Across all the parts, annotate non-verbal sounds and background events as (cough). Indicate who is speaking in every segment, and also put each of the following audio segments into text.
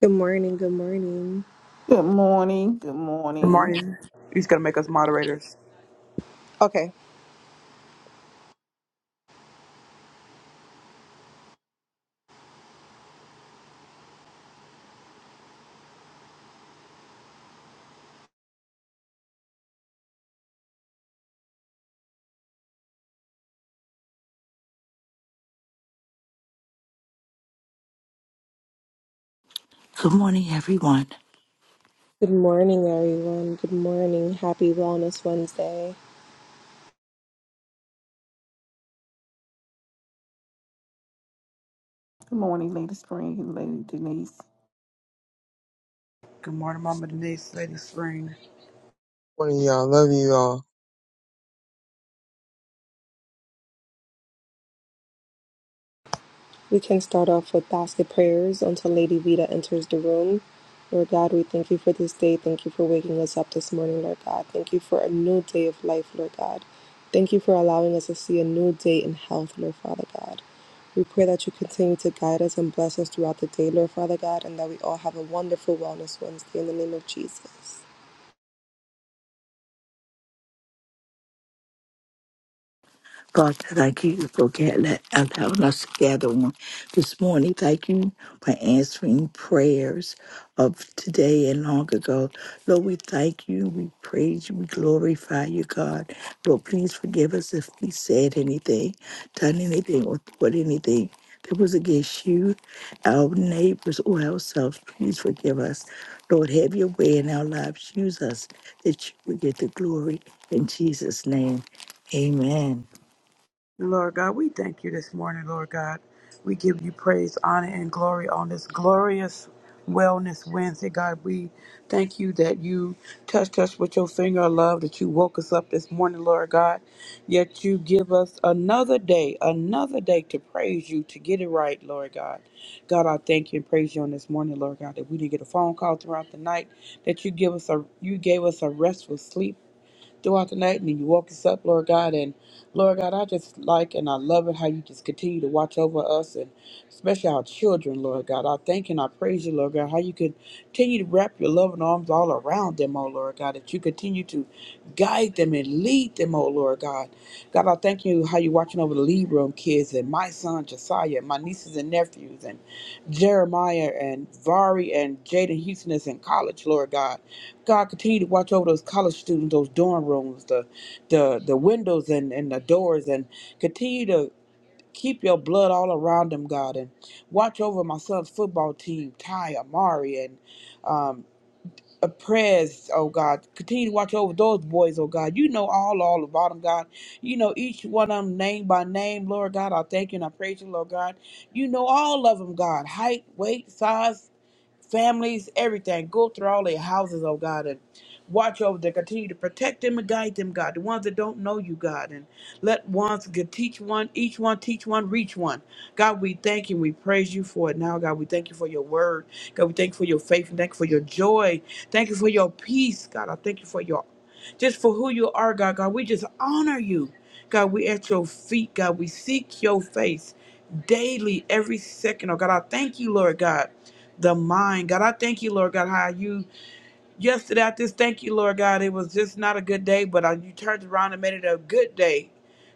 Speaker 1: Good morning. Good morning.
Speaker 2: Good morning. Good
Speaker 3: Good
Speaker 2: morning.
Speaker 3: morning. He's gonna make us moderators.
Speaker 1: Okay.
Speaker 4: Good morning, everyone.
Speaker 1: Good morning, everyone. Good morning. Happy Wellness Wednesday.
Speaker 2: Good morning, Lady Spring, Lady Denise.
Speaker 3: Good morning, Mama Denise, Lady Spring.
Speaker 5: Morning, y'all. Love you all.
Speaker 1: We can start off with basket prayers until Lady Vita enters the room. Lord God, we thank you for this day. Thank you for waking us up this morning, Lord God. Thank you for a new day of life, Lord God. Thank you for allowing us to see a new day in health, Lord Father God. We pray that you continue to guide us and bless us throughout the day, Lord Father God, and that we all have a wonderful Wellness Wednesday in the name of Jesus.
Speaker 4: God, thank you for getting that and having us together on this morning. Thank you for answering prayers of today and long ago. Lord, we thank you, we praise you, we glorify you, God. Lord, please forgive us if we said anything, done anything, or thought anything that was against you, our neighbors, or ourselves. Please forgive us. Lord, have your way in our lives. Use us that you would get the glory. In Jesus' name, amen.
Speaker 3: Lord God, we thank you this morning, Lord God. We give you praise, honor, and glory on this glorious Wellness Wednesday, God. We thank you that you touched us with your finger of love, that you woke us up this morning, Lord God. Yet you give us another day, another day to praise you, to get it right, Lord God. God, I thank you and praise you on this morning, Lord God, that we didn't get a phone call throughout the night, that you give us a you gave us a restful sleep throughout the night and then you woke us up, Lord God. And Lord God, I just like and I love it how you just continue to watch over us and especially our children, Lord God. I thank and I praise you, Lord God, how you continue to wrap your loving arms all around them, oh Lord God, that you continue to guide them and lead them, oh Lord God. God, I thank you how you're watching over the lead room kids and my son Josiah, my nieces and nephews, and Jeremiah and Vari and Jaden Houston is in college, Lord God. God continue to watch over those college students, those dorm rooms, the the the windows and, and the doors and continue to keep your blood all around them, God, and watch over my son's football team, Ty Amari and um uh, prayers, oh God, continue to watch over those boys, oh God. You know all, all about them, God. You know each one of them name by name, Lord God. I thank you and I praise you, Lord God. You know all of them, God. Height, weight, size, families, everything. Go through all their houses, oh God, and watch over them. Continue to protect them and guide them, God. The ones that don't know you, God, and let ones get teach one, each one teach one, reach one. God, we thank you. We praise you for it now, God. We thank you for your word. God, we thank you for your faith and thank you for your joy. Thank you for your peace, God. I thank you for your just for who you are, God. God, we just honor you. God, we at your feet, God. We seek your face daily, every second. Oh God, I thank you, Lord God the mind. God, I thank you, Lord God, how you yesterday I just thank you, Lord God. It was just not a good day, but I, you turned around and made it a good day.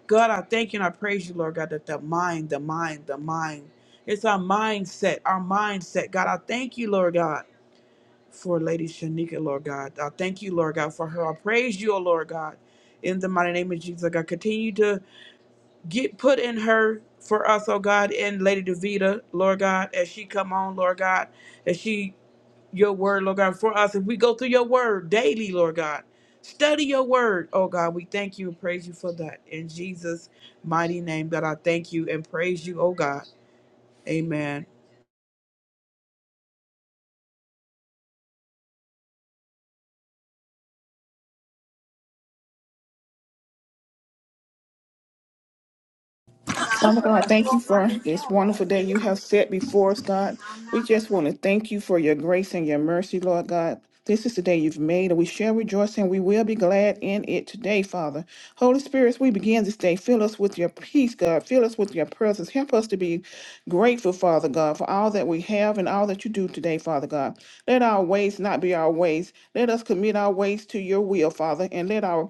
Speaker 3: God, I thank you and I praise you, Lord God, that the mind, the mind, the mind. It's our mindset, our mindset. God, I thank you, Lord God, for Lady Shanika, Lord God. I thank you, Lord God, for her. I praise you, O Lord God. In the mighty name of Jesus, God, continue to get put in her for us, oh God, and Lady Davita, Lord God, as she come on, Lord God, as she your word, Lord God, for us. If we go through your word daily, Lord God, study your word, oh God, we thank you and praise you for that. In Jesus' mighty name, God, I thank you and praise you, oh God. Amen.
Speaker 6: This
Speaker 2: Father God,
Speaker 6: Sylvester
Speaker 2: thank you
Speaker 6: won't
Speaker 2: for
Speaker 6: really his
Speaker 2: this
Speaker 6: phone though.
Speaker 2: wonderful day you have set before us, God. We just want to thank you for your grace and your mercy, Lord God. This is the day you've made, and we shall rejoice and we will be glad in it today, Father. Holy Spirit, as we begin this day, fill us with your peace, God. Fill us with your presence. Help us to be grateful, Father God, for all that we have and all that you do today, Father God. Let our ways not be our ways. Let us commit our ways to your will, Father, and let our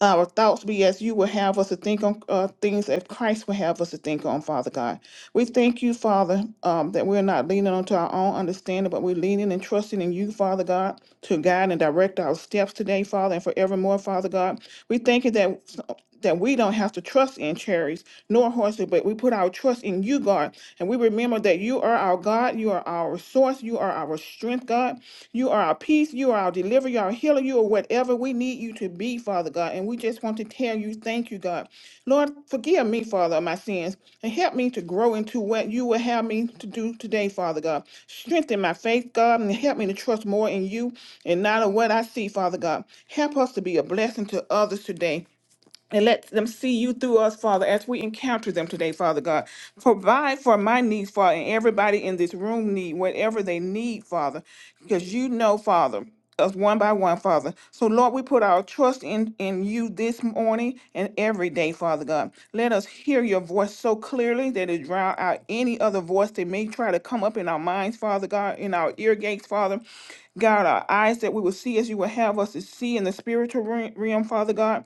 Speaker 2: our thoughts be as you would have us to think on uh, things that Christ would have us to think on, Father God. We thank you, Father, um, that we're not leaning onto our own understanding, but we're leaning and trusting in you, Father God, to guide and direct our steps today, Father, and forevermore, Father God. We thank you that that we don't have to trust in chariots nor horses, but we put our trust in you, God. And we remember that you are our God, you are our source, you are our strength, God. You are our peace, you are our deliverer, you are our healer, you are whatever we need you to be, Father God. And we just want to tell you, thank you, God. Lord, forgive me, Father, of my sins, and help me to grow into what you will have me to do today, Father God. Strengthen my faith, God, and help me to trust more in you and not in what I see, Father God. Help us to be a blessing to others today and let them see you through us, Father, as we encounter them today, Father God. Provide for my needs, Father, and everybody in this room need whatever they need, Father, because you know, Father, us one by one, Father. So, Lord, we put our trust in, in you this morning and every day, Father God. Let us hear your voice so clearly that it drown out any other voice that may try to come up in our minds, Father God, in our ear gates, Father. God, our eyes that we will see as you will have us to see in the spiritual re- realm, Father God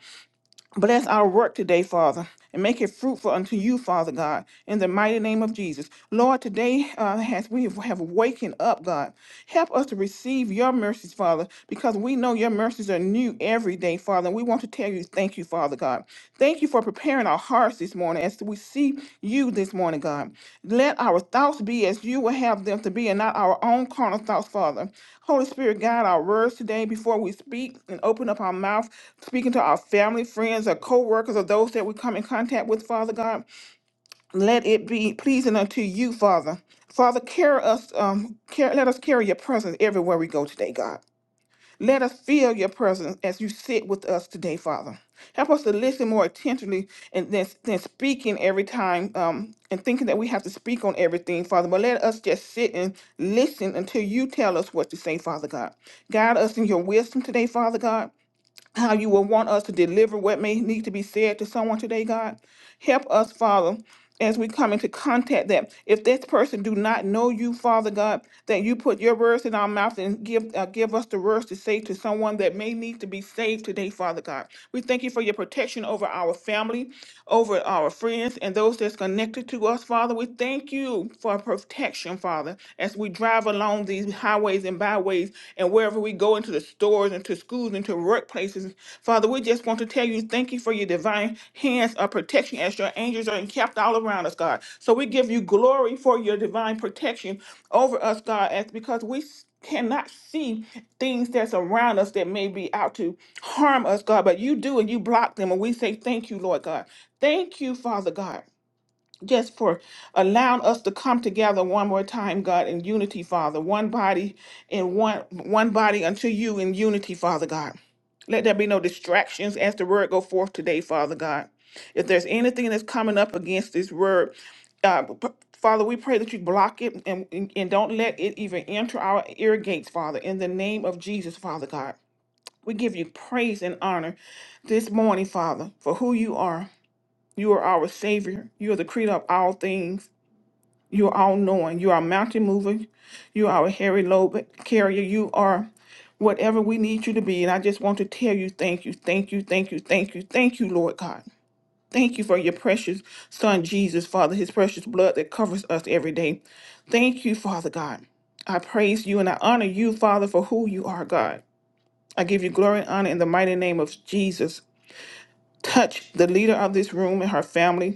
Speaker 2: Bless our work today, Father, and make it fruitful unto you, Father God, in the mighty name of Jesus. Lord, today, uh, as we have wakened up, God, help us to receive your mercies, Father, because we know your mercies are new every day, Father. And we want to tell you, thank you, Father God. Thank you for preparing our hearts this morning as we see you this morning, God. Let our thoughts be as you will have them to be and not our own carnal thoughts, Father. Holy Spirit, guide our words today before we speak and open up our mouth, speaking to our family, friends, or co workers, or those that we come in contact with, Father God. Let it be pleasing unto you, Father. Father, carry us, um, care, let us carry your presence everywhere we go today, God. Let us feel your presence as you sit with us today, Father. Help us to listen more attentively and than, than speaking every time um, and thinking that we have to speak on everything, Father. But let us just sit and listen until you tell us what to say, Father God. Guide us in your wisdom today, Father God how you will want us to deliver what may need to be said to someone today, God. Help us, Father, as we come into contact that if this person do not know you, Father God, that you put your words in our mouth and give uh, give us the words to say to someone that may need to be saved today, Father God. We thank you for your protection over our family, over our friends, and those that's connected to us, Father. We thank you for protection, Father, as we drive along along these highways and byways and wherever we go into the stores, into schools, into workplaces. Father, we just want to tell you thank you for your divine hands of protection as your angels are encamped all around us, God. So we give you glory for your divine protection over us, God, as because we s- cannot see things that's around us that may be out to harm us, God, but you do and you block them. And we say thank you, Lord God. Thank you, Father God just for allowing us to come together one more time, God, in unity, Father. One body and one one body unto you in unity, Father God. Let there be no distractions as the word go forth today, Father God. If there's anything that's coming up against this word, uh, p- Father, we pray that you block it and, and and don't let it even enter our ear gates, Father, in the name of Jesus, Father God. We give you praise and honor this morning, Father, for who you are. You are our Savior. You are the creator of all things. You are all knowing. You are a mountain mover. You are our hairy lobe carrier. You are whatever we need you to be. And I just want to tell you thank you, thank you, thank you, thank you, thank you, Lord God. Thank you for your precious Son, Jesus, Father, his precious blood that covers us every day. Thank you, Father God. I praise you and I honor you, Father, for who you are, God. I give you glory and honor in the mighty name of Jesus. Touch the leader of this room and her family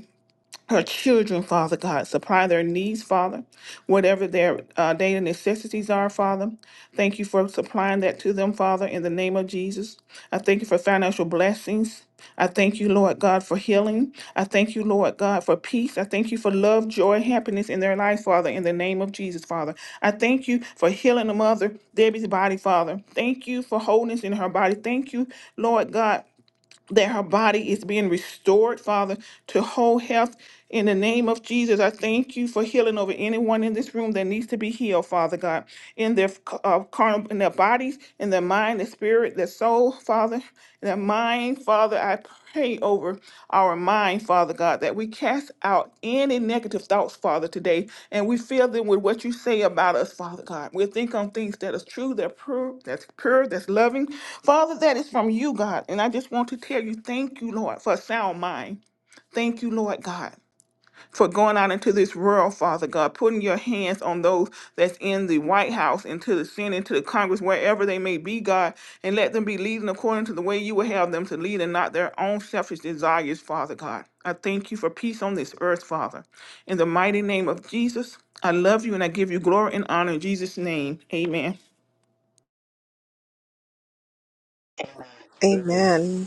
Speaker 2: her children, Father God. Supply their needs, Father, whatever their uh, daily necessities are, Father. Thank you for supplying that to them, Father, in the name of Jesus. I thank you for financial blessings. I thank you, Lord God, for healing. I thank you, Lord God, for peace. I thank you for love, joy, happiness in their life, Father, in the name of Jesus, Father. I thank you for healing the mother, Debbie's body, Father. Thank you for wholeness in her body. Thank you, Lord God that her body is being restored, Father, to whole health. In the name of Jesus, I thank you for healing over anyone in this room that needs to be healed, Father God, in their uh, carnal, in their bodies, in their mind, their spirit, their soul, Father, their mind, Father. I pray over our mind, Father God, that we cast out any negative thoughts, Father, today, and we fill them with what you say about us, Father God. We'll think on things that is true, that pure, that's pure, that's loving. Father, that is from you, God. And I just want to tell you, thank you, Lord, for a sound mind. Thank you, Lord God for going out into this world, Father God, putting your hands on those that's in the White House, into the Senate, into the Congress, wherever they may be, God, and let them be leading according to the way you would have them to lead and not their own selfish desires, Father God. I thank you for peace on this earth, Father. In the mighty name of Jesus, I love you and I give you glory and honor in Jesus' name. Amen.
Speaker 1: Amen.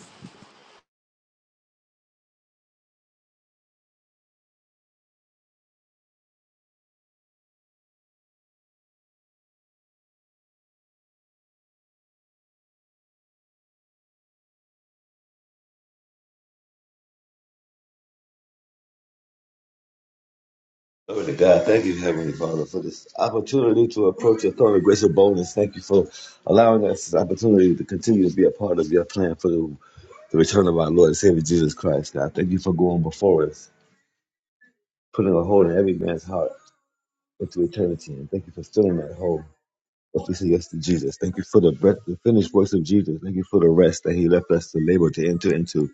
Speaker 7: Glory to God. Thank you, Heavenly Father, for this opportunity to approach your throne of grace and boldness. Thank you for allowing us this opportunity to continue to be a part of your plan for the, the return of our Lord and Savior Jesus Christ, God. Thank you for going before us, putting a hold on every man's heart into eternity. And thank you for filling that hole if we say yes to Jesus. Thank you for the breath, the finished works of Jesus. Thank you for the rest that he left us to labor to enter into.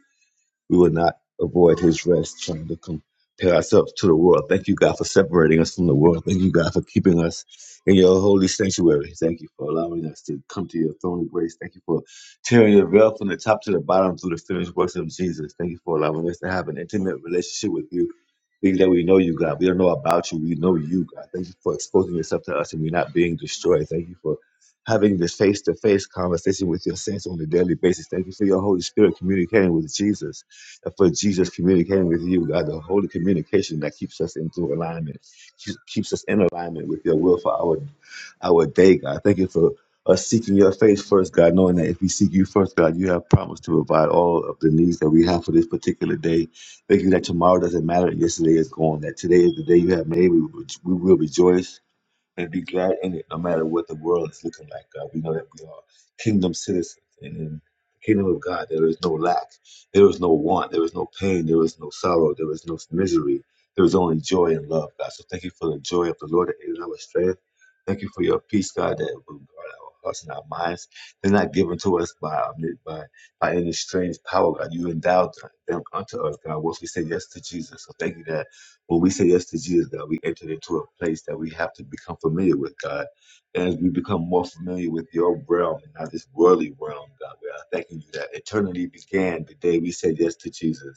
Speaker 7: we will not avoid his rest trying to compare ourselves to the world. Thank you, God, for separating us from the world. Thank you, God, for keeping us in your holy sanctuary. Thank you for allowing us to come to your throne of grace. Thank you for tearing your veil from the top to the bottom through the finished works of Jesus. Thank you for allowing us to have an intimate relationship with you. Things that we know you, God. We don't know about you. We know you, God. Thank you for exposing yourself to us and we're not being destroyed. Thank you for having this face to face conversation with your saints on a daily basis. Thank you for your Holy Spirit communicating with Jesus and for Jesus communicating with you, God. The holy communication that keeps us into alignment, keeps keeps us in alignment with your will for our our day, God. Thank you for us seeking your face first, God, knowing that if we seek you first, God, you have promised to provide all of the needs that we have for this particular day Thank you that tomorrow doesn't matter. Yesterday is gone. That today is the day you have made. We, we will rejoice and be glad in it no matter what the world is looking like, God. We know that we are kingdom citizens. And in the kingdom of God, there is no lack, there is no want, there is no pain, there is no sorrow, there is no misery. There is only joy and love, God. So thank you for the joy of the Lord that is our strength. Thank you for your peace, God, that will guard our hearts and our minds. They're not given to us by, um, by, by any strange power, God. You endowed them unto us, God, once we say yes to Jesus. So thank you that when we say yes to Jesus, God, we enter into a place that we have to become familiar with, God. And as we become more familiar with your realm and not this worldly realm, God, we are thanking you that eternity began the day we said yes to Jesus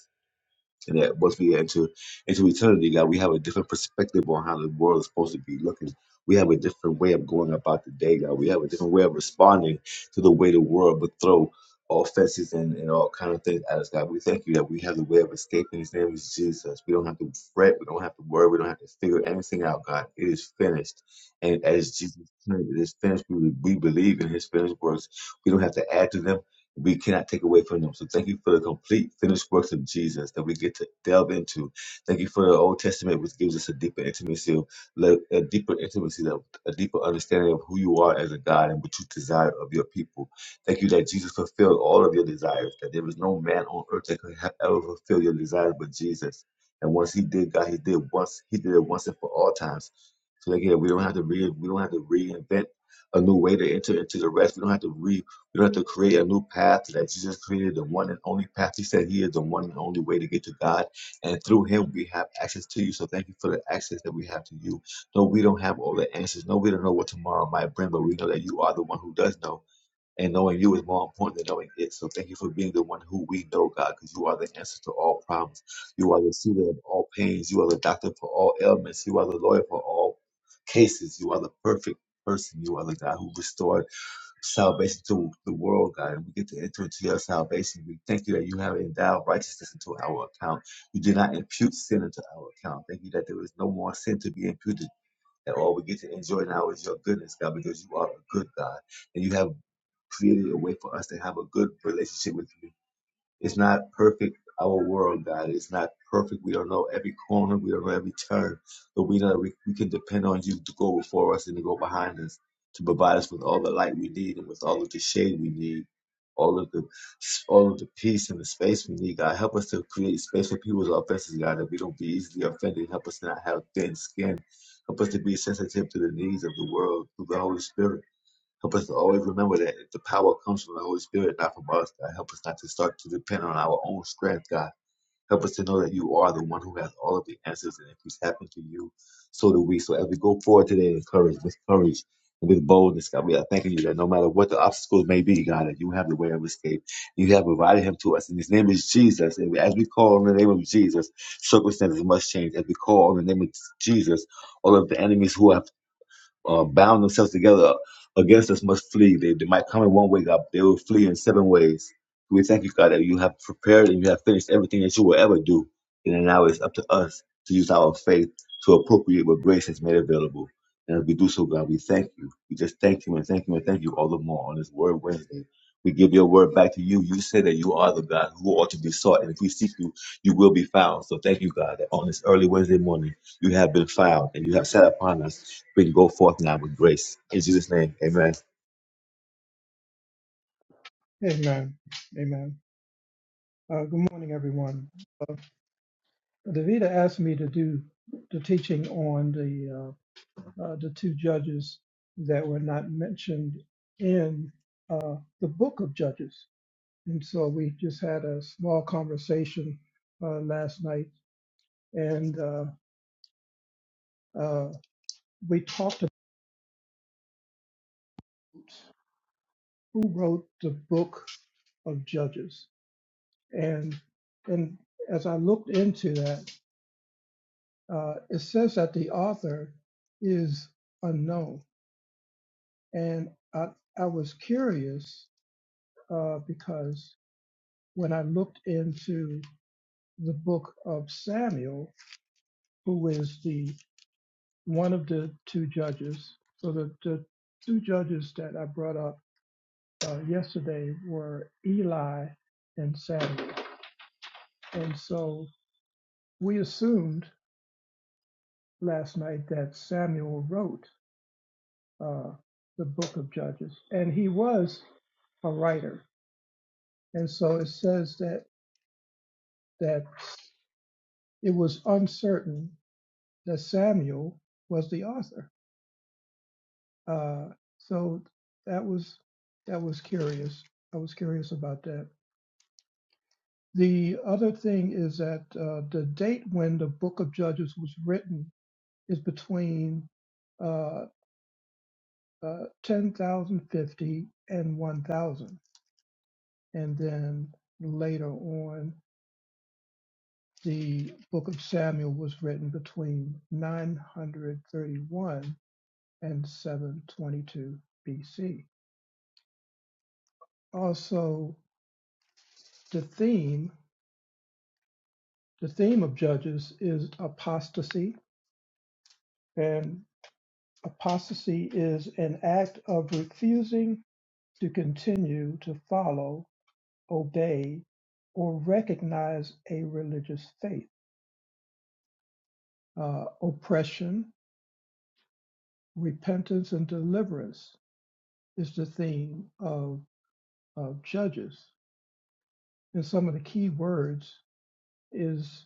Speaker 7: and that once we get into into eternity, God, we have a different perspective on how the world is supposed to be looking. We have a different way of going about the day, God. We have a different way of responding to the way the world would throw offenses and, and all kind of things at us, God. We thank you that we have the way of escaping. His name is Jesus. We don't have to fret. We don't have to worry. We don't have to figure anything out, God. It is finished. And as Jesus said, it is finished. We, we believe in his finished works. We don't have to add to them we cannot take away from them. So thank you for the complete finished works of Jesus that we get to delve into. Thank you for the Old Testament, which gives us a deeper intimacy, of, le- a deeper intimacy, of- a deeper understanding of who you are as a God and what you desire of your people. Thank you that Jesus fulfilled all of your desires, that there was no man on earth that could have ever fulfill your desires but Jesus. And once he did, God, he did once, he did it once and for all times. So again, we don't have to re, we don't have to reinvent a new way to enter into the rest. We don't have to you don't have to create a new path that Jesus created, the one and only path. He said he is the one and only way to get to God. And through him, we have access to you. So thank you for the access that we have to you. No, we don't have all the answers. No, we don't know what tomorrow might bring, but we know that you are the one who does know. And knowing you is more important than knowing it. So thank you for being the one who we know, God, because you are the answer to all problems. You are the soother of all pains. You are the doctor for all ailments. You are the lawyer for all cases. You are the perfect person. You are the God who restored salvation to the world, God. And we get to enter into your salvation. We thank you that you have endowed righteousness into our account. You did not impute sin into our account. Thank you that there is no more sin to be imputed. That all we get to enjoy now is your goodness, God, because you are a good God. And you have created a way for us to have a good relationship with you. It's not perfect, our world, God. It's not perfect. We don't know every corner. We don't know every turn. But we know that we, we can depend on you to go before us and to go behind us, to provide us with all the light we need and with all of the shade we need, all of the all of the peace and the space we need, God. Help us to create space for people's offenses, God, that we don't be easily offended. Help us not have thin skin. Help us to be sensitive to the needs of the world through the Holy Spirit. Help us to always remember that the power comes from the Holy Spirit, not from us. God, help us not to start to depend on our own strength, God. Help us to know that you are the one who has all of the answers, and if it's happened to you, so do we. So as we go forward today in courage, with courage, and with boldness, God, we are thanking you that no matter what the obstacles may be, God, that you have the way of escape. You have provided him to us, and his name is Jesus. And as we call on the name of Jesus, circumstances must change. As we call on the name of Jesus, all of the enemies who have uh, bound themselves together against us must flee. They, they might come in one way, God, but they will flee in seven ways. We thank you, God, that you have prepared and you have finished everything that you will ever do. And now it's up to us to use our faith to appropriate what grace has made available. And as we do so, God, we thank you. We just thank you and thank you and thank you all the more on this Word Wednesday. We give your word back to you. You say that you are the God who ought to be sought. And if we seek you, you will be found. So thank you, God, that on this early Wednesday morning, you have been filed and you have set upon us. We can go forth now with grace. In Jesus' name, amen.
Speaker 8: Amen. Amen. Uh, good morning, everyone. Uh, Davida asked me to do the teaching on the uh, uh, the two judges that were not mentioned in uh, the book of Judges, and so we just had a small conversation uh, last night, and uh, uh, we talked about who wrote the book of Judges, and and as I looked into that. uh, it says that the author is unknown. And I, I was curious uh, because when I looked into the book of Samuel, who is the one of the two judges, so the, the two judges that I brought up uh, yesterday were Eli and Samuel. And so we assumed last night that Samuel wrote. uh, the book of Judges, and he was a writer. And so it says that that it was uncertain that Samuel was the author. Uh, so that was that was curious. I was curious about that. The other thing is that uh, the date when the Book of Judges was written is between uh, uh, 10,050 and 1,000, and then later on. The book of Samuel was written between 931 and 722 BC. Also, the theme, the theme of Judges is apostasy, and apostasy is an act of refusing to continue to follow, obey, or recognize a religious faith. Uh, oppression, repentance, and deliverance is the theme of. of Judges, and some of the key words is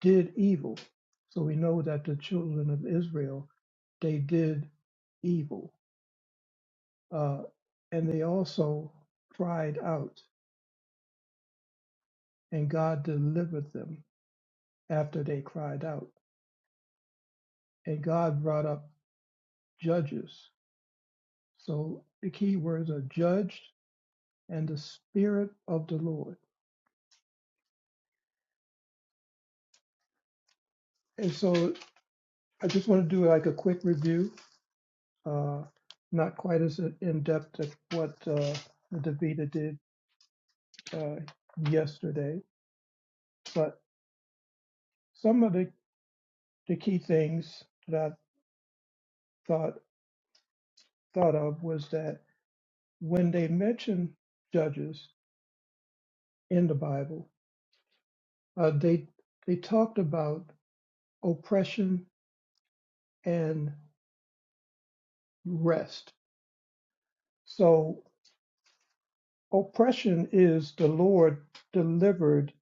Speaker 8: did evil. So we know that the children of Israel, they did evil. Uh, and they also cried out, and God delivered them after they cried out. And God brought up judges. So the key words are judged and the spirit of the Lord. And so I just want to do like a quick review uh, not quite as in depth as what uh, Davita did uh, yesterday, but some of the, the key things that I thought thought of was that when they mentioned judges in the Bible, uh, they they talked about oppression and rest. So oppression is the Lord delivered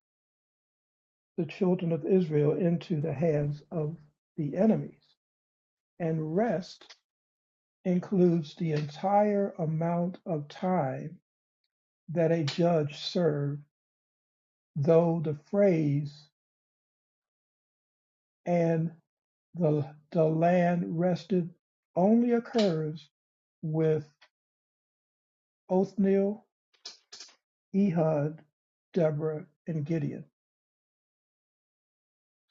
Speaker 8: the children of Israel into the hands of the enemies, and rest includes the entire amount of time that a judge served, though the phrase and the, the land rested only occurs with Othniel, Ehud, Deborah, and Gideon.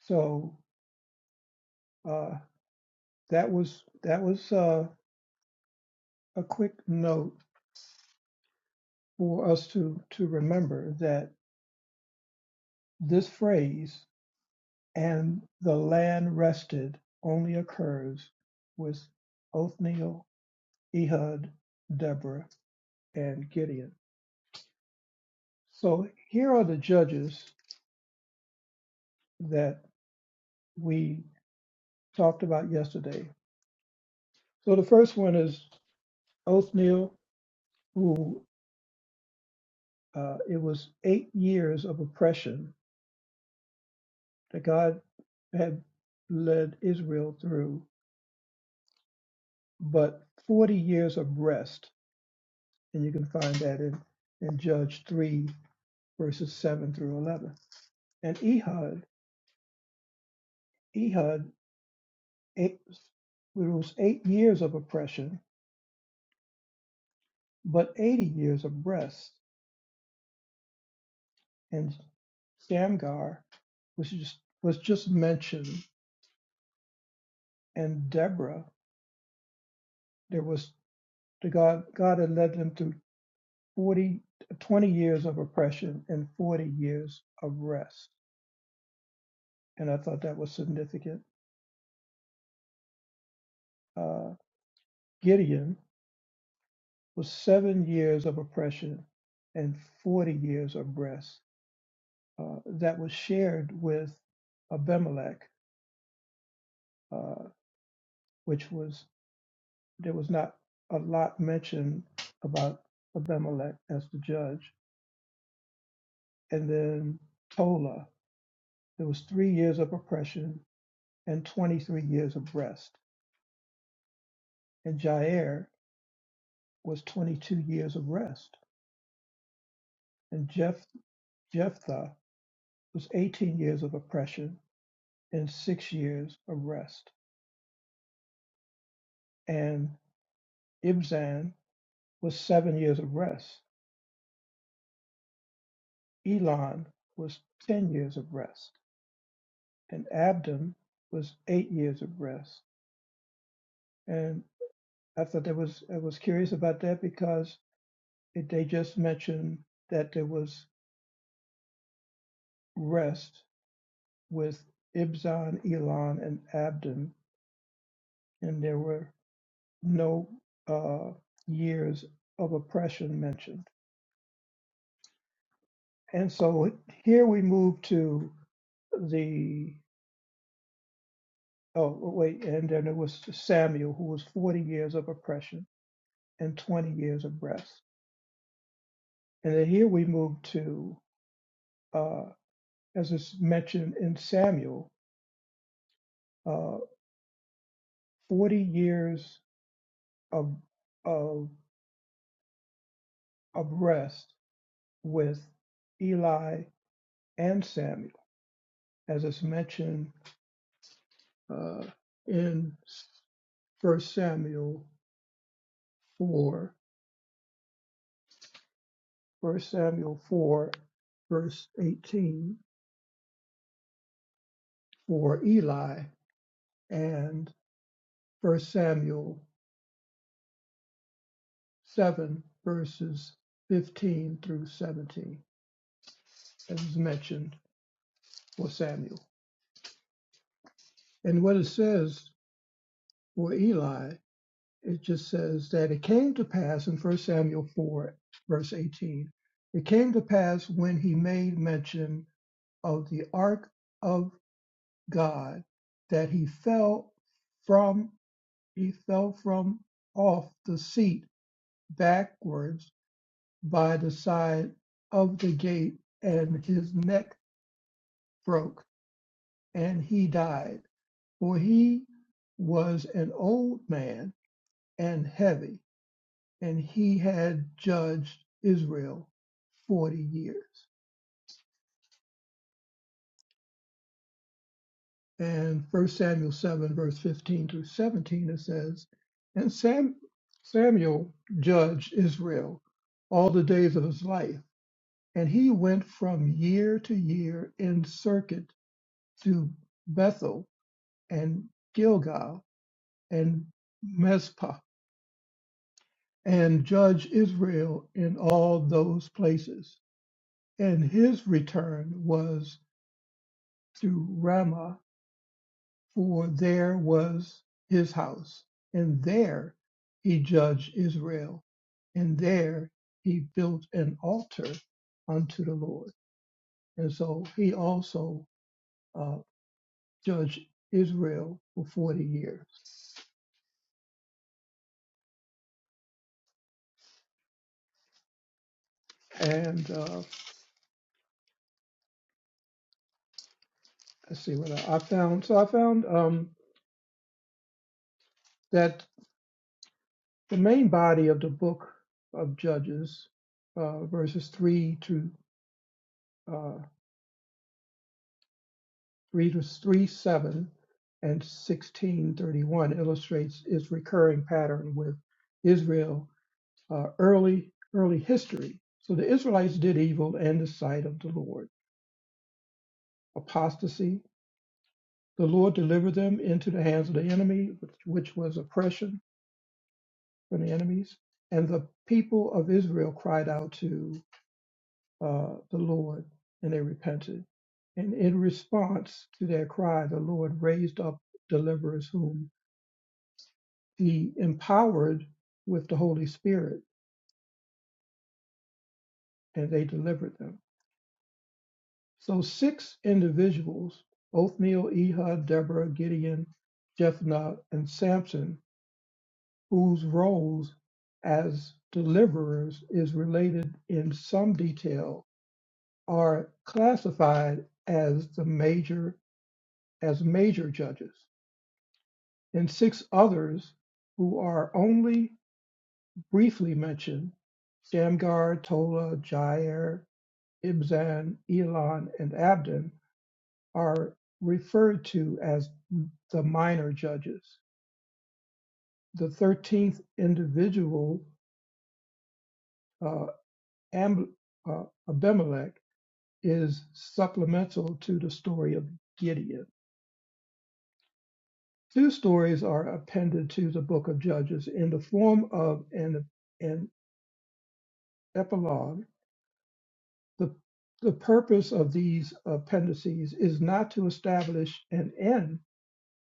Speaker 8: So uh, that was that was uh, a quick note for us to to remember that this phrase And the land rested only occurs with Othniel, Ehud, Deborah, and Gideon. So here are the judges that we talked about yesterday. So the first one is Othniel, who uh, it was eight years of oppression that God had led Israel through, but 40 years of rest. And you can find that in, in Judges 3, verses 7 through 11. And Ehud, Ehud eight, rules eight years of oppression, but 80 years of rest. And Shamgar was just, was just mentioned. And Deborah, there was the God, God had led them through 40, 20 years of oppression and 40 years of rest. And I thought that was significant. Uh, Gideon was seven years of oppression and 40 years of rest uh, that was shared with Abimelech, uh, which was there was not a lot mentioned about Abimelech as the judge, and then Tola. There was three years of oppression and 23 years of rest, and Jair was 22 years of rest, and Jeph- Jephthah was 18 years of oppression and six years of rest, and Ibzan was seven years of rest Elon was ten years of rest, and Abdon was eight years of rest. And I thought that was I was curious about that because it, they just mentioned that there was rest with Ibzan, Elon, and Abdon, and there were no uh, years of oppression mentioned. And so here we move to the oh wait, and then it was Samuel who was forty years of oppression and 20 years of rest. And then here we move to, uh, as is mentioned in Samuel, uh, 40 years of, of, of rest with Eli and Samuel, as is mentioned uh, in First Samuel 4, First Samuel 4, verse 18, for Eli, and First Samuel seven verses fifteen through seventeen, as is mentioned for Samuel. And what it says for Eli, it just says that it came to pass in First Samuel 4, verse 18, it came to pass when he made mention of the ark of God that he fell from he fell from off the seat backwards by the side of the gate and his neck broke and he died. For he was an old man and heavy, and he had judged Israel 40 years. And First Samuel 7, verse 15 through 17, it says, And Sam, Samuel judged Israel all the days of his life, and he went from year to year in circuit to Bethel and Gilgal and Mizpah and judge Israel in all those places. And his return was through Ramah, for there was his house, and there he judged Israel, and there he built an altar unto the Lord. And so he also uh, judged Israel for 40 years. And uh, let's see what I, I found. So I found um, that the main body of the book of Judges, uh, verses three to uh, three to three seven and sixteen thirty one illustrates its recurring pattern with Israel uh, early early history. So the Israelites did evil in the sight of the Lord, apostasy. The Lord delivered them into the hands of the enemy, which, which was oppression from the enemies. And the people of Israel cried out to uh, the Lord, and they repented. And in response to their cry, the Lord raised up deliverers whom he empowered with the Holy Spirit, and they delivered them. So six individuals, Othniel, Ehud, Deborah, Gideon, Jephthah, and Samson, whose roles as deliverers is related in some detail, are classified as the major as major judges. and six others who are only briefly mentioned Shamgar, Tola, Jair, Ibzan, Elon, and Abdon are referred to as the minor judges. The 13th individual, uh, Am- uh, Abimelech, is supplemental to the story of Gideon. Two stories are appended to the book of Judges in the form of an, an epilogue The, the purpose of these appendices is not to establish an end,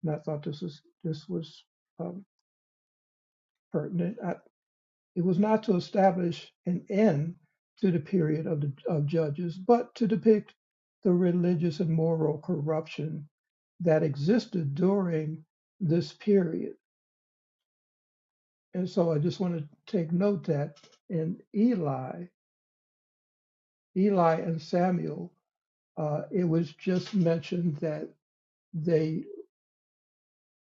Speaker 8: and I thought this was, this was um, pertinent. I, it was not to establish an end to the period of, the, of judges, but to depict the religious and moral corruption that existed during this period. And so I just want to take note that in Eli, Eli and Samuel, uh, it was just mentioned that they.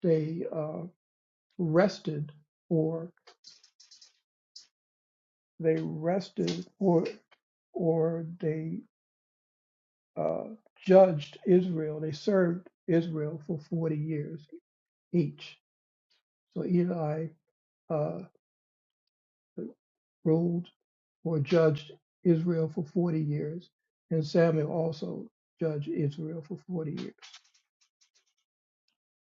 Speaker 8: they uh, rested or they rested or or they uh, judged Israel. They served Israel for 40 years each. So Eli uh, ruled or judged Israel for 40 years, and Samuel also judged Israel for 40 years.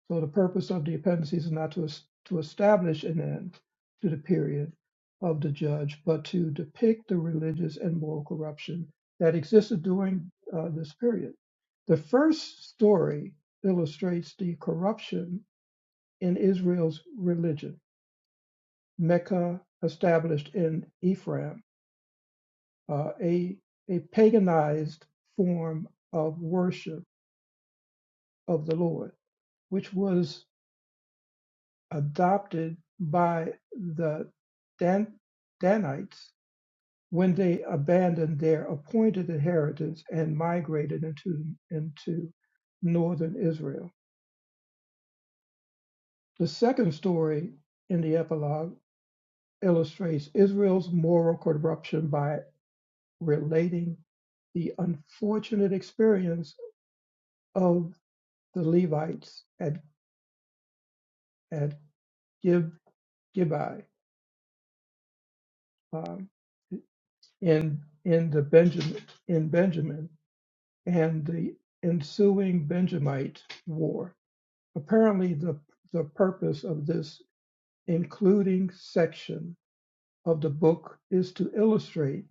Speaker 8: So the purpose of the appendices is not to, to establish an end to the period of the judge, but to depict the religious and moral corruption that existed during uh, this period. The first story illustrates the corruption in Israel's religion. Mecca, established in Ephraim, uh, a, a paganized form of worship of the Lord, which was adopted by the Dan- Danites when they abandoned their appointed inheritance and migrated into, into northern Israel. The second story in the epilogue illustrates Israel's moral corruption by relating the unfortunate experience of the Levites at, at Gib, Gibeah um, in, in, the Benjamin, in Benjamin and the ensuing Benjamite War. Apparently, the, the purpose of this including section of the book is to illustrate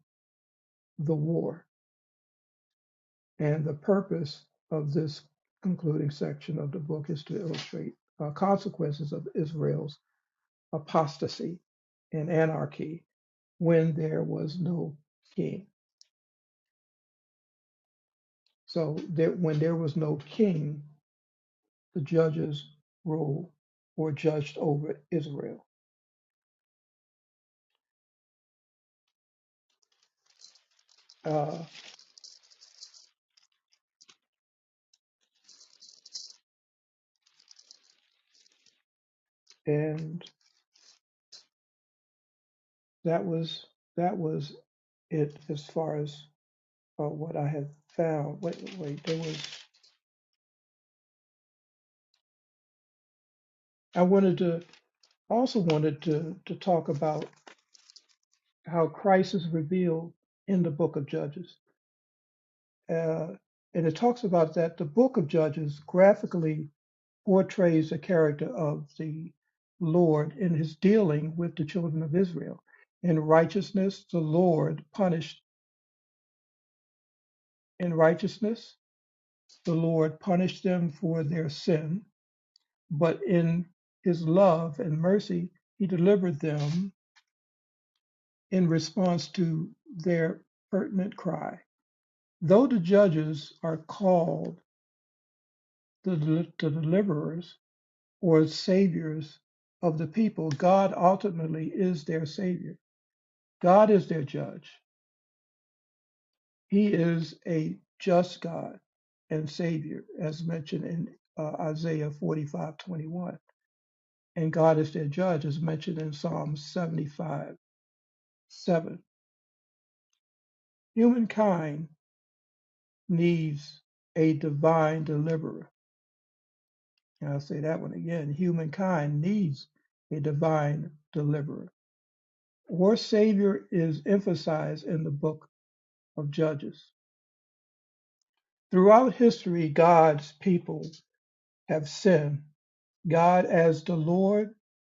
Speaker 8: the war, and the purpose of this concluding section of the book is to illustrate uh, consequences of Israel's apostasy and anarchy when there was no king. So there, when there was no king, the judges ruled or judged over Israel. uh, and that was that was it as far as uh, what I had found. Wait, wait, there was. I wanted to also wanted to to talk about how Christ is revealed in the Book of Judges, uh, and it talks about that the Book of Judges graphically portrays the character of the Lord in His dealing with the children of Israel. In righteousness, the Lord punished in righteousness The Lord punished them for their sin, but in his love and mercy, he delivered them in response to their pertinent cry. Though the judges are called the, the deliverers or saviors of the people, God ultimately is their savior. God is their judge. He is a just God and savior, as mentioned in uh, Isaiah 45:21. and God is their judge, is mentioned in Psalm 75 7. Humankind needs a divine deliverer. And I'll say that one again. Humankind needs a divine deliverer. War Savior is emphasized in the book of Judges. Throughout history, God's people have sinned. God, as the Lord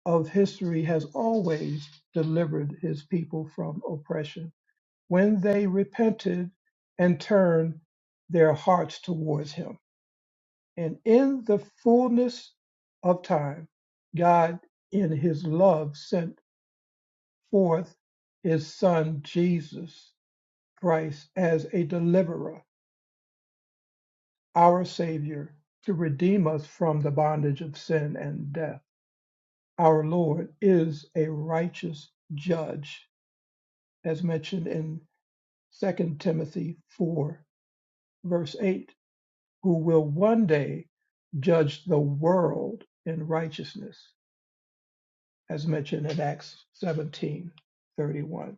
Speaker 8: of history, has always delivered his people from oppression when they repented and turned their hearts towards him. And in the fullness of time, God, in his love, sent forth his son, Jesus Christ, as a deliverer, our Savior, to redeem us from the bondage of sin and death. Our Lord is a righteous judge, as mentioned in Second Timothy 4, verse 8 who will one day judge the world in righteousness, as mentioned in Acts 17 31?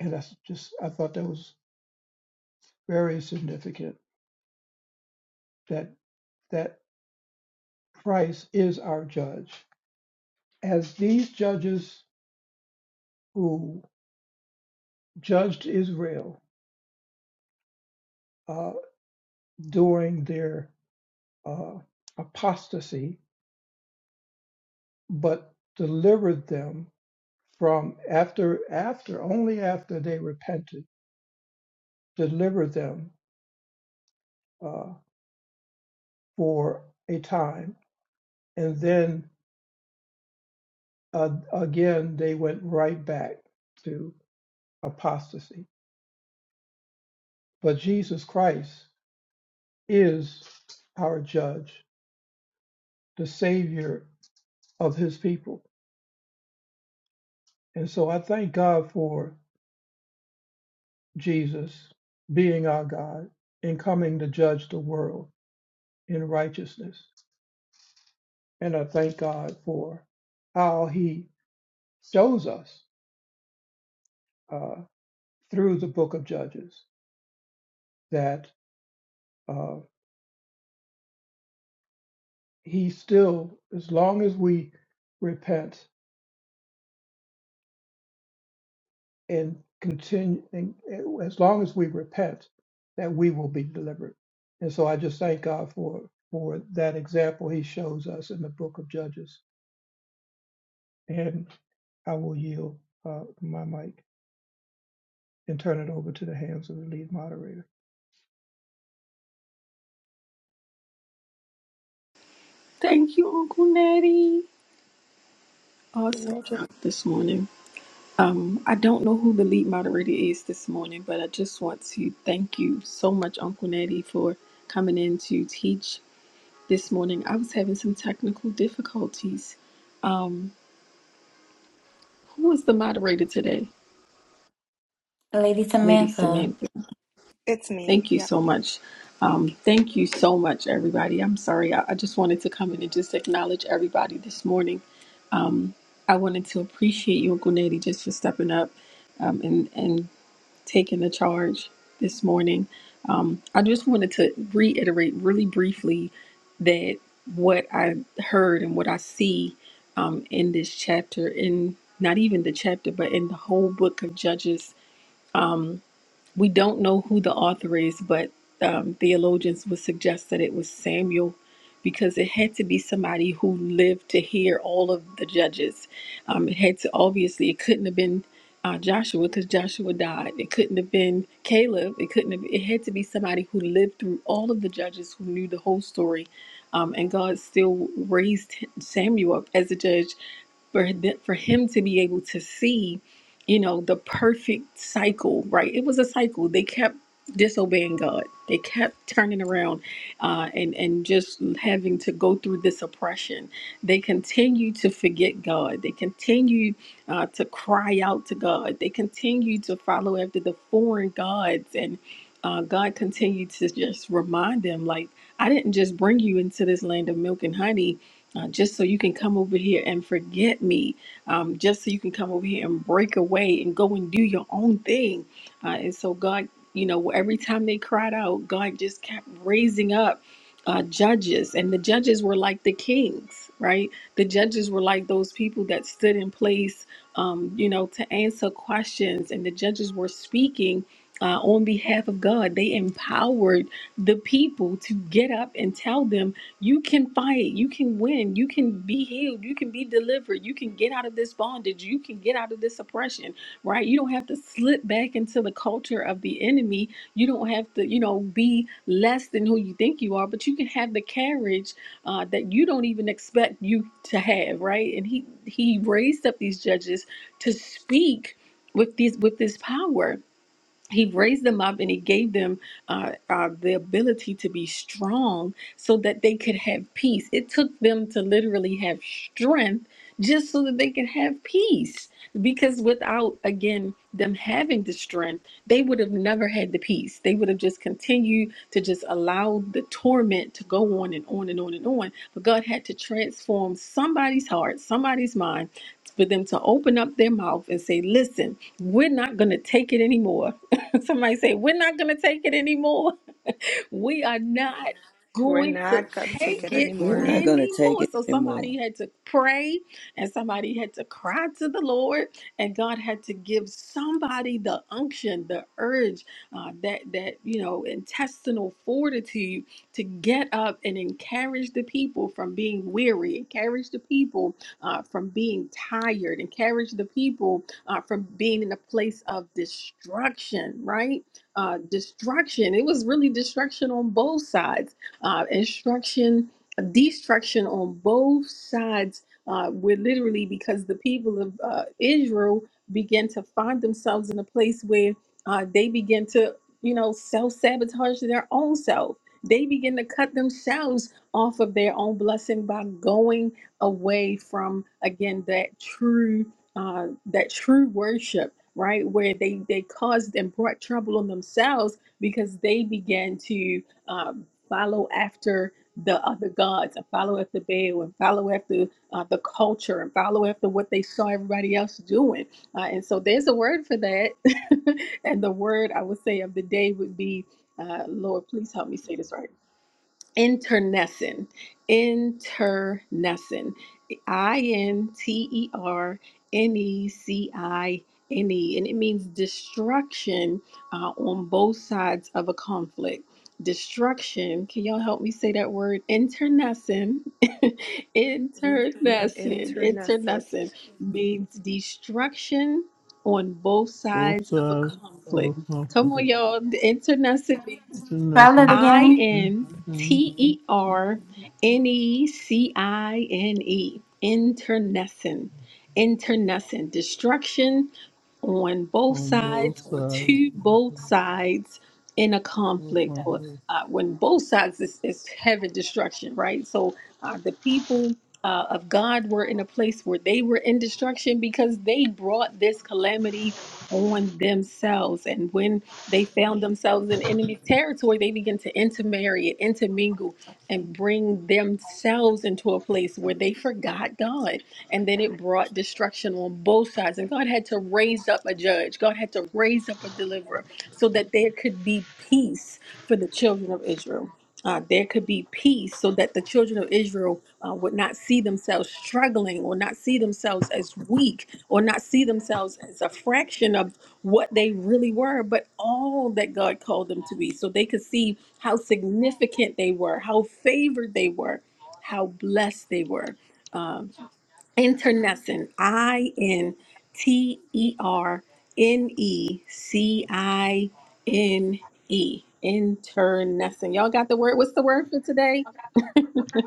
Speaker 8: And that's just, I thought that was very significant that that Christ is our judge. As these judges who judged Israel uh, during their uh, apostasy, but delivered them from after after only after they repented, delivered them uh, for a time, and then uh, again they went right back to apostasy. But Jesus Christ is our judge, the Savior of His people, and so I thank God for Jesus being our God and coming to judge the world in righteousness, and I thank God for how He shows us uh, through the Book of Judges that. uh, he still, as long as we repent and continue, and as long as we repent, that we will be delivered. And so I just thank God for for that example He shows us in the Book of Judges. And I will yield uh, my mic and turn it over to the hands of the lead moderator.
Speaker 6: Thank you, Uncle Natty.
Speaker 8: You're
Speaker 6: Awesome
Speaker 8: welcome.
Speaker 6: job this morning. Um, I don't know who the lead moderator is this morning, but I just want to thank you so much, Uncle Natty, for coming in to teach this morning. I was having some technical difficulties. Um, who was the moderator today?
Speaker 9: Lady
Speaker 6: Lady
Speaker 9: Samantha.
Speaker 6: Samantha.
Speaker 1: It's me.
Speaker 6: Thank you so much. Um, thank you so much, everybody. I'm sorry. I, I just wanted to come in and just acknowledge everybody this morning. I wanted to appreciate you, Uncle Nettie, just for stepping up um, and and taking the charge this morning. Um, I just wanted to reiterate really briefly that what I heard and what I see um, in this chapter, in not even the chapter, but in the whole book of Judges, we don't know who the author is, but um, theologians would suggest that it was Samuel because it had to be somebody who lived to hear all of the judges. Um, it had to, obviously, it couldn't have been uh, Joshua because Joshua died. It couldn't have been Caleb. It couldn't have, it had to be somebody who lived through all of the judges who knew the whole story. Um, and God still raised Samuel up as a judge for, th- for him to be able to see you know, the perfect cycle, right? It was a cycle. They kept disobeying God. They kept turning around uh, and and just having to go through this oppression. They continue to forget God. They continue uh, to cry out to God. They continue to follow after the foreign gods, and uh, God continued to just remind them, like, I didn't just bring you into this land of milk and honey. Uh, just so you can come over here and forget me um, just so you can come over here and break away and go and do your own thing. Uh, and so God, you know, every time they cried out, God just kept raising up uh, judges, and the judges were like the kings, right? The judges were like those people that stood in place, um, you know, to answer questions, and the judges were speaking. Uh, on behalf of God, they empowered the people to get up and tell them you can fight. You can win. You can be healed. You can be delivered. You can get out of this bondage. You can get out of this oppression, right? You don't have to slip back into the culture of the enemy. You don't have to, you know, be less than who you think you are, but you can have the carriage uh, that you don't even expect you to have, right? And he he raised up these judges to speak with these with this power he raised them up and he gave them uh, uh, the ability to be strong so that they could have peace. It took them to literally have strength just so that they could have peace. Because without, again, them having the strength, they would have never had the peace. They would have just continued to just allow the torment to go on and on and on and on. But God had to transform somebody's heart, somebody's mind, for them to open up their mouth and say, Listen, we're not going to take it anymore (laughs) Somebody say, We're not going to take it anymore. (laughs) We are not
Speaker 1: We're
Speaker 6: going to
Speaker 1: not gonna
Speaker 8: Not
Speaker 1: take
Speaker 8: gonna
Speaker 6: take
Speaker 1: it
Speaker 8: take
Speaker 6: it
Speaker 10: We're
Speaker 8: more
Speaker 10: not
Speaker 1: anymore.
Speaker 10: going to take
Speaker 6: anymore.
Speaker 10: it
Speaker 6: So
Speaker 10: anymore.
Speaker 6: somebody had to pray and somebody had to cry to the Lord, and God had to give somebody the unction, the urge, uh, that, that, you know, intestinal fortitude to get up and encourage the people from being weary, encourage the people uh, from being tired, encourage the people uh, from being in a place of destruction, right? uh, destruction. It was really destruction on both sides, uh, instruction, destruction on both sides. Uh, were literally because the people of uh, Israel began to find themselves in a place where uh, they begin to, you know, self sabotage their own self. They begin to cut themselves off of their own blessing by going away from, again, that true uh, that true worship, right? Where they they caused and brought trouble on themselves because they began to um, follow after the other gods and follow after Baal and follow after uh, the culture and follow after what they saw everybody else doing. Uh, and so there's a word for that. (laughs) and the word I would say of the day would be, uh, Lord, please help me say this right internecine internecine i-n-t-e-r-n-e-c-i-n-e and it means destruction uh, on both sides of a conflict destruction can y'all help me say that word internecine (laughs) internecine
Speaker 1: Internecet.
Speaker 6: internecine means destruction on both
Speaker 11: Both
Speaker 6: sides of a
Speaker 11: sides of a
Speaker 6: conflict come on
Speaker 11: conflict.
Speaker 6: y'all The internecine means
Speaker 11: It's a
Speaker 9: Spell it
Speaker 11: lesson
Speaker 6: I
Speaker 9: again.
Speaker 11: in-
Speaker 6: N T E R N E C I N E. Internecine. Internecine. Destruction on both
Speaker 11: on both
Speaker 6: sides or
Speaker 11: sides
Speaker 6: to
Speaker 11: of
Speaker 6: both
Speaker 11: a
Speaker 6: sides in a conflict or
Speaker 11: conflict.
Speaker 6: uh, when both sides is, is having destruction right so uh, the people uh, of god were in a place where they were in destruction because they brought this calamity on themselves and when they found themselves in enemy territory, they begin to intermarry and intermingle and bring themselves into a place where they forgot God. And then it brought destruction on both sides. And God had to raise up a judge, God had to raise up a deliverer so that there could be peace for the children of Israel. Uh, there could be peace so that the children of Israel uh, would not see themselves struggling or not see themselves as weak or not see themselves as a fraction of what they really were, but all that God called them to be, so they could see how significant they were, how favored they were, how blessed they were. Um, internecine, I N T E R N E C I N E, internecine. Y'all got the word? What's the word for today?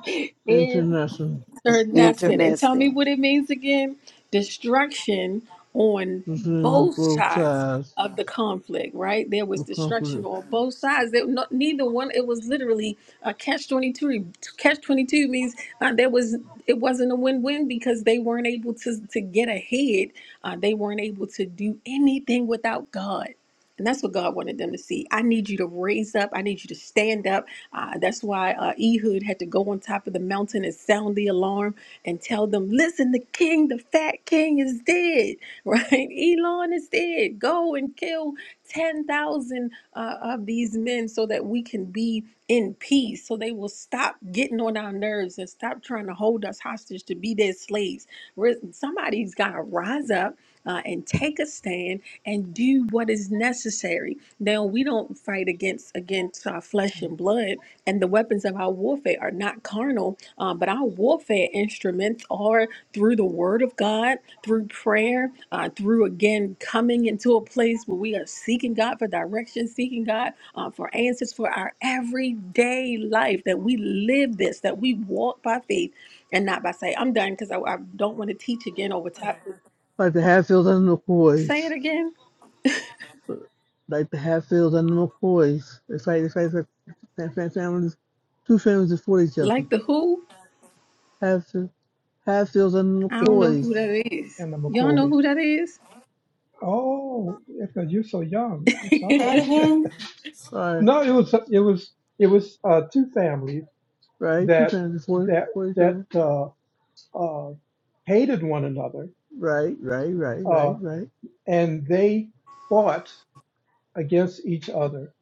Speaker 6: (laughs) In.
Speaker 11: International.
Speaker 6: Sir, that's
Speaker 8: through
Speaker 6: it.
Speaker 8: the
Speaker 6: And tell me
Speaker 10: Interesting.
Speaker 6: what it means again. Destruction on
Speaker 11: between
Speaker 6: both
Speaker 11: both
Speaker 6: sides
Speaker 11: sides
Speaker 6: of the conflict, right? There
Speaker 11: of
Speaker 6: was
Speaker 11: the
Speaker 6: destruction
Speaker 11: conflict.
Speaker 6: on both sides. There, no, neither one. It was literally a catch twenty two. Catch twenty two means uh, there was it wasn't a win win because they weren't able to to get ahead. Uh, they weren't able to do anything without God. And that's what God wanted them to see. I need you to raise up. I need you to stand up. Uh, that's why uh, Ehud had to go on top of the mountain and sound the alarm and tell them, listen, the king, the fat king is dead, (laughs) right? Elon is dead. Go and kill 10,000 uh, of these men so that we can be in peace, so they will stop getting on our nerves and stop trying to hold us hostage to be their slaves. Re- Somebody's got to rise up. Uh, and take a stand and do what is necessary. Now we don't fight against against uh, flesh and blood, and the weapons of our warfare are not carnal, um, but our warfare instruments are through the Word of God, through prayer, uh, through again coming into a place where we are seeking God for direction, seeking God uh, for answers for our everyday life, that we live this, that we walk by faith and not by sight. I'm done because I, I don't want to teach again over top.
Speaker 11: Like the Hatfields and the
Speaker 6: Say
Speaker 11: McCoys.
Speaker 6: it again.
Speaker 11: Like the Hatfields and the McCoys. They fight, they fight, they fight, families. Two families that fought each other.
Speaker 6: Like the who?
Speaker 11: Hatfield, Hatfields and the
Speaker 6: I don't
Speaker 8: Phils
Speaker 6: know who
Speaker 11: McCoys.
Speaker 6: that is.
Speaker 8: and the
Speaker 6: Y'all know
Speaker 8: McCoys.
Speaker 6: who that is?
Speaker 8: Oh, because you're so young. I'm
Speaker 9: Say it
Speaker 8: sorry. (laughs)
Speaker 9: again.
Speaker 11: Sorry,
Speaker 8: no, it was it was it was uh, two families.
Speaker 11: right? Two
Speaker 8: that
Speaker 11: families that fought,
Speaker 8: that
Speaker 11: fought each
Speaker 8: that
Speaker 11: other.
Speaker 8: uh, uh, hated one another,
Speaker 11: Right, right, right,
Speaker 8: uh,
Speaker 11: right, right.
Speaker 8: and they fought against each other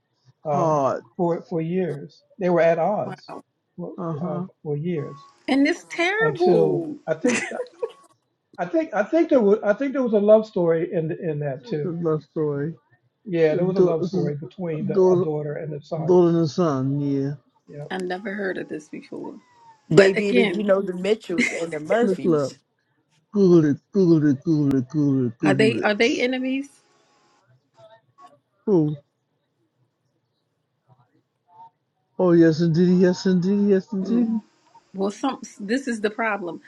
Speaker 8: um,
Speaker 11: Hard.
Speaker 8: for for years. They were at
Speaker 6: (laughs)
Speaker 8: odds for, uh,
Speaker 11: Uh-huh.
Speaker 8: for years
Speaker 6: And it's
Speaker 8: until
Speaker 6: terrible.
Speaker 8: I think I think I think there was I think there was a love story in in that
Speaker 11: It's a
Speaker 8: too.
Speaker 11: love story.
Speaker 8: Yeah, there
Speaker 11: It's
Speaker 8: was a
Speaker 11: do-
Speaker 8: love
Speaker 11: This is
Speaker 8: story between the, a
Speaker 11: daughter,
Speaker 8: daughter and a son.
Speaker 11: daughter and his son, yeah.
Speaker 8: Yeah,
Speaker 6: I never heard of this before.
Speaker 4: They
Speaker 6: But
Speaker 4: did, it, you
Speaker 6: again,
Speaker 4: know, the Mitchells and the
Speaker 11: Look it up.
Speaker 4: Murphys.
Speaker 11: Google it, Google it, Google it, Google it,
Speaker 6: are they
Speaker 11: Google
Speaker 6: are
Speaker 11: it.
Speaker 6: they enemies?
Speaker 11: Oh, oh yes indeed, yes indeed, yes indeed.
Speaker 6: Mm. Well, some this is the problem.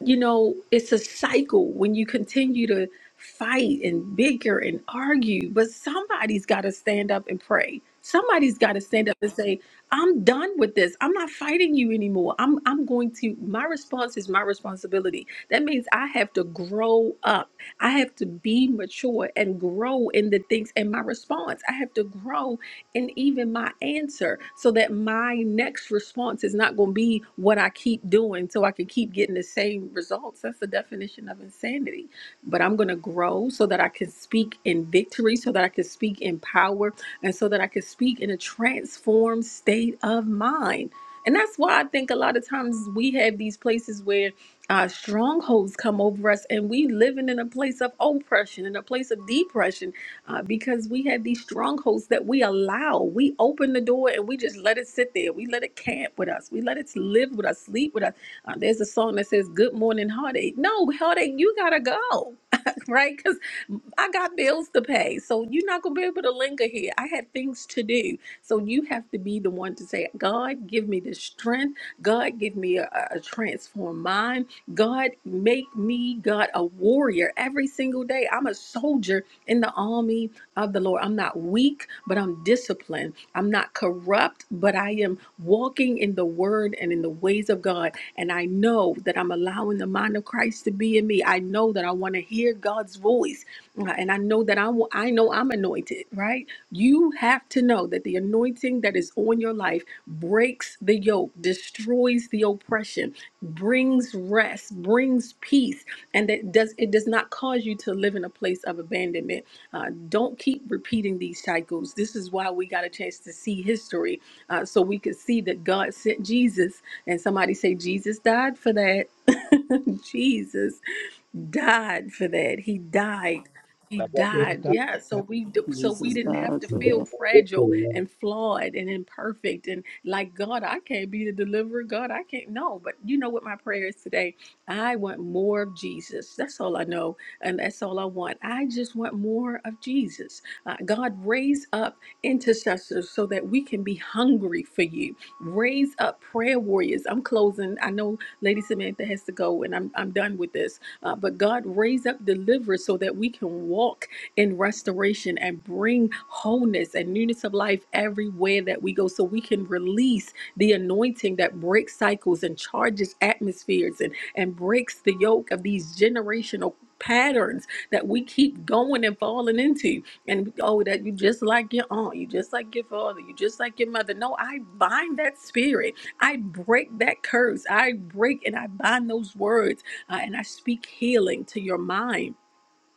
Speaker 6: you know, it's a cycle when you continue to fight and bicker and argue, but somebody's got to stand up and pray. Somebody's got to stand up and say, "I'm done with this. I'm not fighting you anymore. I'm I'm going to my response is my responsibility. That means I have to grow up. I have to be mature and grow in the things and my response. I have to grow and even my answer so that my next response is not going to be what I keep doing so I can keep getting the same results. That's the definition of insanity. But I'm going to grow so that I can speak in victory, so that I can speak in power, and so that I can speak in a transformed state of mind. And that's why I think a lot of times we have these places where uh, strongholds come over us and we living in a place of oppression, in a place of depression uh, because we had these strongholds that we allow. We open the door and we just let it sit there. We let it camp with us. We let it live with us, sleep with us. Uh, there's a song that says, Good morning, heartache. No, heartache, you gotta go. (laughs) right? Because I got bills to pay. So you're not going to be able to linger here. I had things to do. So you have to be the one to say, God, give me the strength. God, give me a, a transformed mind. God, make me, God, a warrior every single day. I'm a soldier in the army of the Lord. I'm not weak, but I'm disciplined. I'm not corrupt, but I am walking in the word and in the ways of God. And I know that I'm allowing the mind of Christ to be in me. I know that I want to hear God's voice. Uh, And I know that I, wa- I know I'm anointed, right? You have to know that the anointing that is on your life breaks the yoke, destroys the oppression, brings rest, brings peace and that does it does not cause you to live in a place of abandonment. Uh, don't keep repeating these cycles. This is why we got a chance to see history, uh, so we could see that God sent Jesus. And somebody say Jesus died for that. (laughs) Jesus died for that. He died. He
Speaker 8: Jesus
Speaker 6: died.
Speaker 8: died
Speaker 6: Yeah.
Speaker 8: for
Speaker 6: So
Speaker 8: that.
Speaker 6: we d- so we
Speaker 10: Jesus
Speaker 6: didn't have
Speaker 10: God
Speaker 6: to
Speaker 10: for
Speaker 6: feel
Speaker 10: that.
Speaker 6: fragile and flawed and imperfect and like God, I can't be the deliverer. God, I can't. No, but you know what my prayer is today? I want more of Jesus. That's all I know, and that's all I want. I just want more of Jesus. Uh, God, raise up intercessors so that we can be hungry for you. Raise up prayer warriors. I'm closing. I know Lady Samantha has to go, and I'm I'm done with this uh, but God raise up deliverers so that we can walk in restoration and bring wholeness and newness of life everywhere that we go so we can release the anointing that breaks cycles and charges atmospheres and, and breaks the yoke of these generational patterns that we keep going and falling into and oh that you just like your aunt you just like your father you just like your mother no i bind that spirit i break that curse i break and i bind those words uh, and I speak healing to your mind.